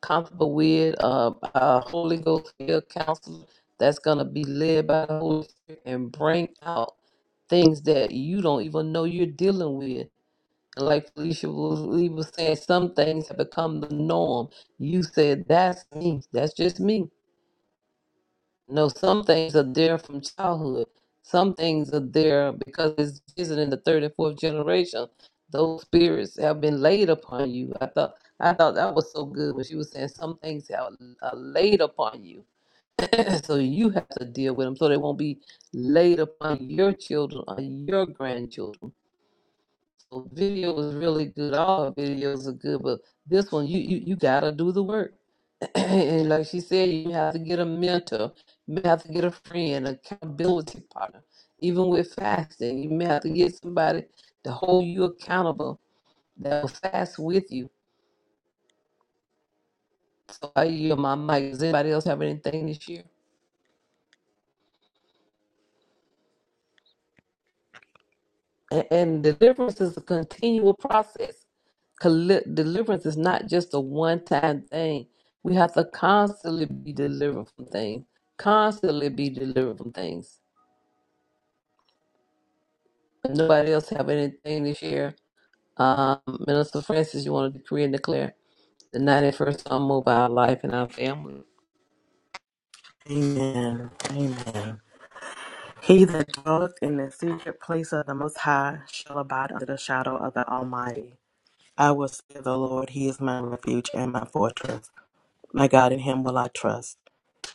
comfortable with, uh, a Holy Ghost filled counselor that's going to be led by the Holy Spirit and bring out things that you don't even know you're dealing with. And like Felicia was, Lee was saying, some things have become the norm. You said, That's me. That's just me no, some things are there from childhood. Some things are there because it's visited in the third and fourth generation. Those spirits have been laid upon you. I thought I thought that was so good when she was saying some things are, are laid upon you, [CLEARS THROAT] so you have to deal with them so they won't be laid upon your children or your grandchildren. So video is really good. All our videos are good, but this one you you, you gotta do the work [CLEARS THROAT] and like she said, you have to get a mentor, you may have to get a friend, accountability partner. Even with fasting, you may have to get somebody to hold you accountable that will fast with you. So I yield my mic. Does anybody else have anything to share? And, and deliverance is a continual process. Colli- Deliverance is not just a one time thing. We have to constantly be delivered from things. Constantly be delivered from things. Nobody else have anything to share? Um, Minister Francis, you want to decree and declare the 91st Psalm over our life and our family. Amen. He that dwelleth in the secret place of the Most High shall abide under the shadow of the Almighty. I will say of the Lord, He is my refuge and my fortress. My God, in Him will I trust.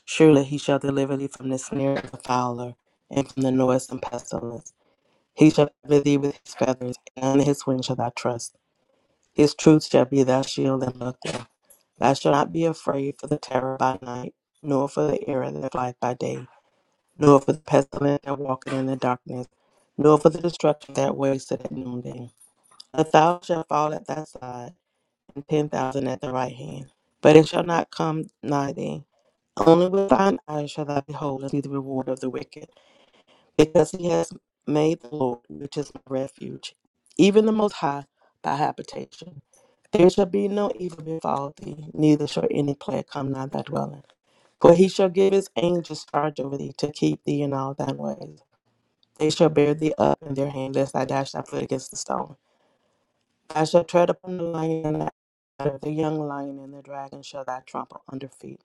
Surely He shall deliver thee from the snare of the fowler and from the noisome pestilence. He shall cover thee with his feathers, and on his wings shall thou trust. His truth shall be thy shield and buckler. Thou shalt not be afraid for the terror by night, nor for the error that flieth by day, nor for the pestilence that walketh in the darkness, nor for the destruction that wasteth at noonday. A thousand shall fall at thy side, and ten thousand at thy right hand, but it shall not come nigh thee. Only with thine eyes shall thou behold and see the reward of the wicked because he has made the Lord, which is my refuge, even the Most High, thy habitation. There shall be no evil befall thee, neither shall any plague come nigh thy dwelling. For he shall give his angels charge over thee to keep thee in all thine ways. They shall bear thee up in their hand, lest thou dash thy foot against the stone. Thou shalt tread upon the lion and the adder, the young lion and the dragon shall thou trample under feet,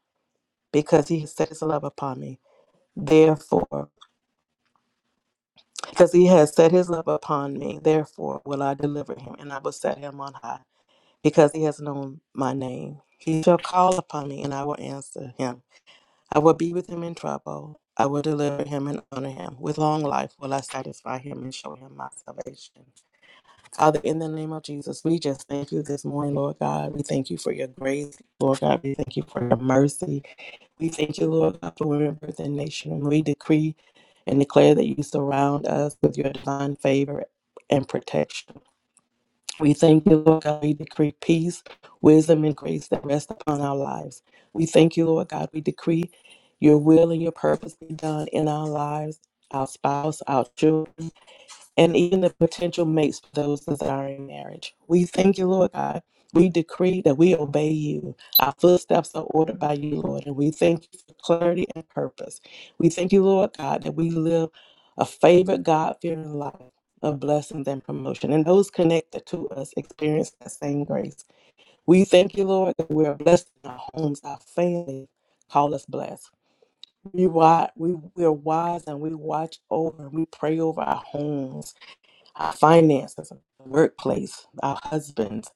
because he has set his love upon me. Therefore Because he has set his love upon me, therefore will I deliver him, and I will set him on high, because he has known my name. He shall call upon me, and I will answer him. I will be with him in trouble. I will deliver him and honor him. With long life will I satisfy him and show him my salvation. Father, in the name of Jesus, we just thank you this morning, Lord God. We thank you for your grace, Lord God. We thank you for your mercy. We thank you, Lord God, for women, birth, and nation. And we decree and declare that you surround us with your divine favor and protection. We thank you, Lord God. We decree peace, wisdom, and grace that rest upon our lives. We thank you, Lord God. We decree your will and your purpose be done in our lives, our spouse, our children and even the potential mates for those desiring marriage. We thank you, Lord God. We decree that we obey you. Our footsteps are ordered by you, Lord, and we thank you for clarity and purpose. We thank you, Lord God, that we live a favored, God fearing life of blessings and promotion, and those connected to us experience that same grace. We thank you, Lord, that we are blessed in our homes, our family. Call us blessed. We, wi- we, we are wise and we watch over and we pray over our homes our finances, workplace, our husbands,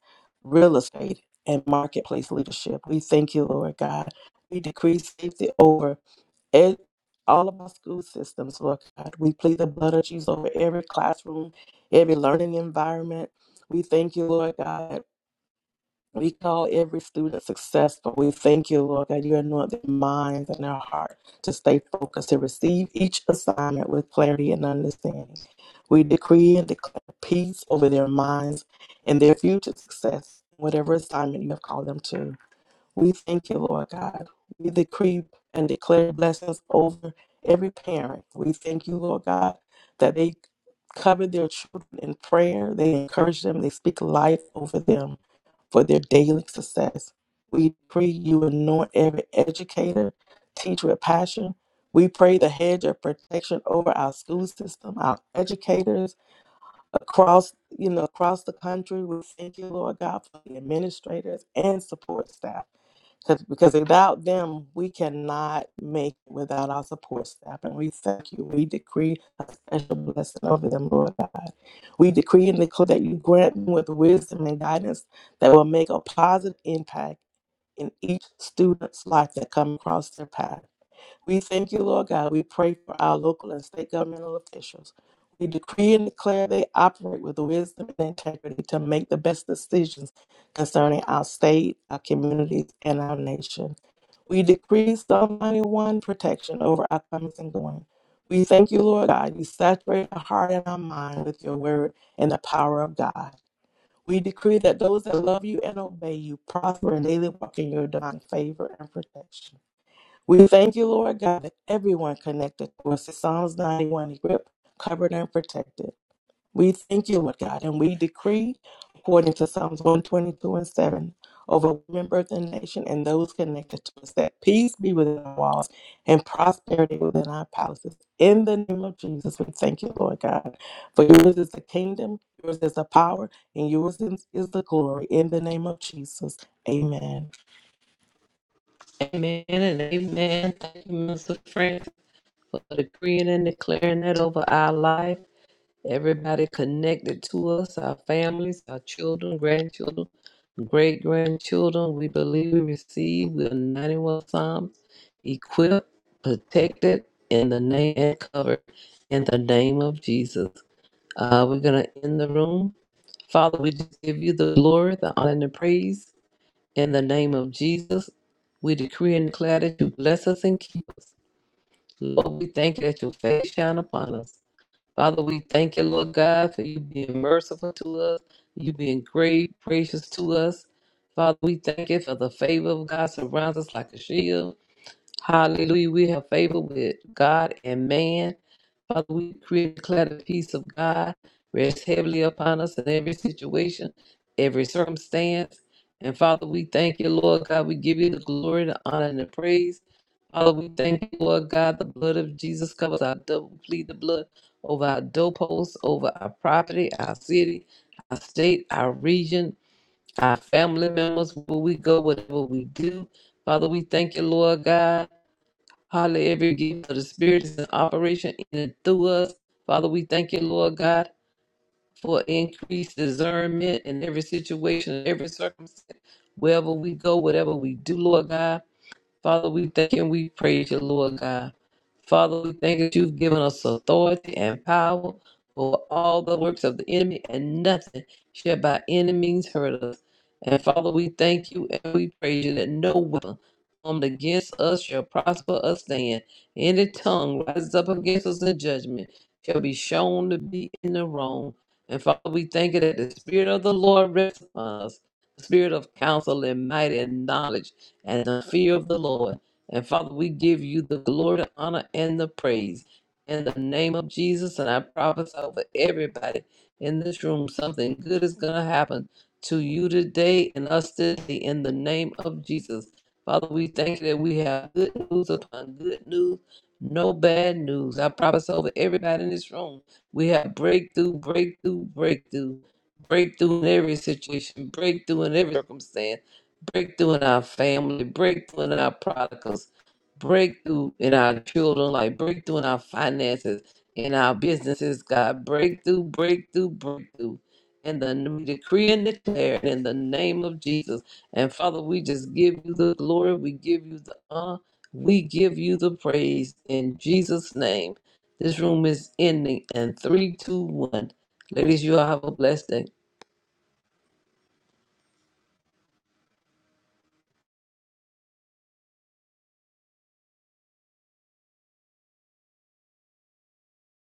real estate, and marketplace leadership. We thank you, Lord God. We decree safety over ed- all of our school systems, Lord God. We plead the blood of Jesus over every classroom, every learning environment. We thank you, Lord God. We call every student successful. We thank you, Lord, that you anoint their minds and their heart to stay focused, to receive each assignment with clarity and understanding. We decree and declare peace over their minds and their future success, whatever assignment you have called them to. We thank you, Lord God. We decree and declare blessings over every parent. We thank you, Lord God, that they cover their children in prayer. They encourage them. They speak life over them for their daily success. We pray you anoint every educator, teacher with passion. We pray the hedge of protection over our school system, our educators across, you know, across the country. We thank you, Lord God, for the administrators and support staff. 'Cause- because without them, we cannot make it without our support staff. And we thank you. We decree a special blessing over them, Lord God. We decree and declare that you grant them with wisdom and guidance that will make a positive impact in each student's life that come across their path. We thank you, Lord God. We pray for our local and state governmental officials. We decree and declare they operate with wisdom and integrity to make the best decisions concerning our state, our communities, and our nation. We decree Psalm 91 protection over our comings and going. We thank you, Lord God. You saturate our heart and our mind with your word and the power of God. We decree that those that love you and obey you prosper and daily walk in your divine favor and protection. We thank you, Lord God, that everyone connected to us to Psalms 91 is covered and protected. We thank you, Lord God, and we decree, according to Psalms 122 and 7, over women, birth, and nation, and those connected to us, that peace be within our walls and prosperity within our palaces. In the name of Jesus, we thank you, Lord God, for yours is the kingdom, yours is the power, and yours is is the glory. In the name of Jesus, amen. Amen and amen. Thank you, Minister Francis, for decreeing and declaring that over our life. Everybody connected to us, our families, our children, grandchildren, great grandchildren. We believe we receive with 91 Psalms, equipped, protected, in the name and covered in the name of Jesus. Uh, we're going to end the room. Father, we just give you the glory, the honor, and the praise. In the name of Jesus, we decree and declare that you bless us and keep us. Lord, we thank you that your face shine upon us. Father, we thank you, Lord God, for you being merciful to us, you being great, gracious to us. Father, we thank you for the favor of God surrounds us like a shield. Hallelujah. We have favor with God and man. Father, we pray, declare the peace of God rest heavily upon us in every situation, every circumstance. And Father, we thank you, Lord God. We give you the glory, the honor, and the praise. Father, we thank you, Lord God. The blood of Jesus covers our double we plead the blood over our doorposts, over our property, our city, our state, our region, our family members, where we go, whatever we do. Father, we thank you, Lord God. Hallelujah. Every gift of the Spirit is in operation in and through us. Father, we thank you, Lord God, for increased discernment in every situation, in every circumstance, wherever we go, whatever we do, Lord God. Father, we thank you and we praise you, Lord God. Father, we thank you that you've given us authority and power over all the works of the enemy, and nothing shall by any means hurt us. And Father, we thank you and we praise you that no weapon formed against us shall prosper us stand. Any tongue rises up against us in judgment shall be shown to be in the wrong. And Father, we thank you that the Spirit of the Lord rests upon us, the Spirit of counsel and might and knowledge and the fear of the Lord. And Father, we give you the glory, the honor, and the praise. In the name of Jesus, and I prophesy over everybody in this room, something good is going to happen to you today and us today in the name of Jesus. Father, we thank you that we have good news upon good news, no bad news. I prophesy over everybody in this room. We have breakthrough, breakthrough, breakthrough, breakthrough in every situation, breakthrough in every circumstance breakthrough in our family, breakthrough in our prodigals, breakthrough in our children, like breakthrough in our finances, in our businesses, God. Breakthrough, breakthrough, breakthrough. In the we decree and declare it in the name of Jesus. And Father, we just give you the glory, we give you the honor, we give you the praise in Jesus' name. This room is ending in three, two, one. Ladies, you all have a blessed day.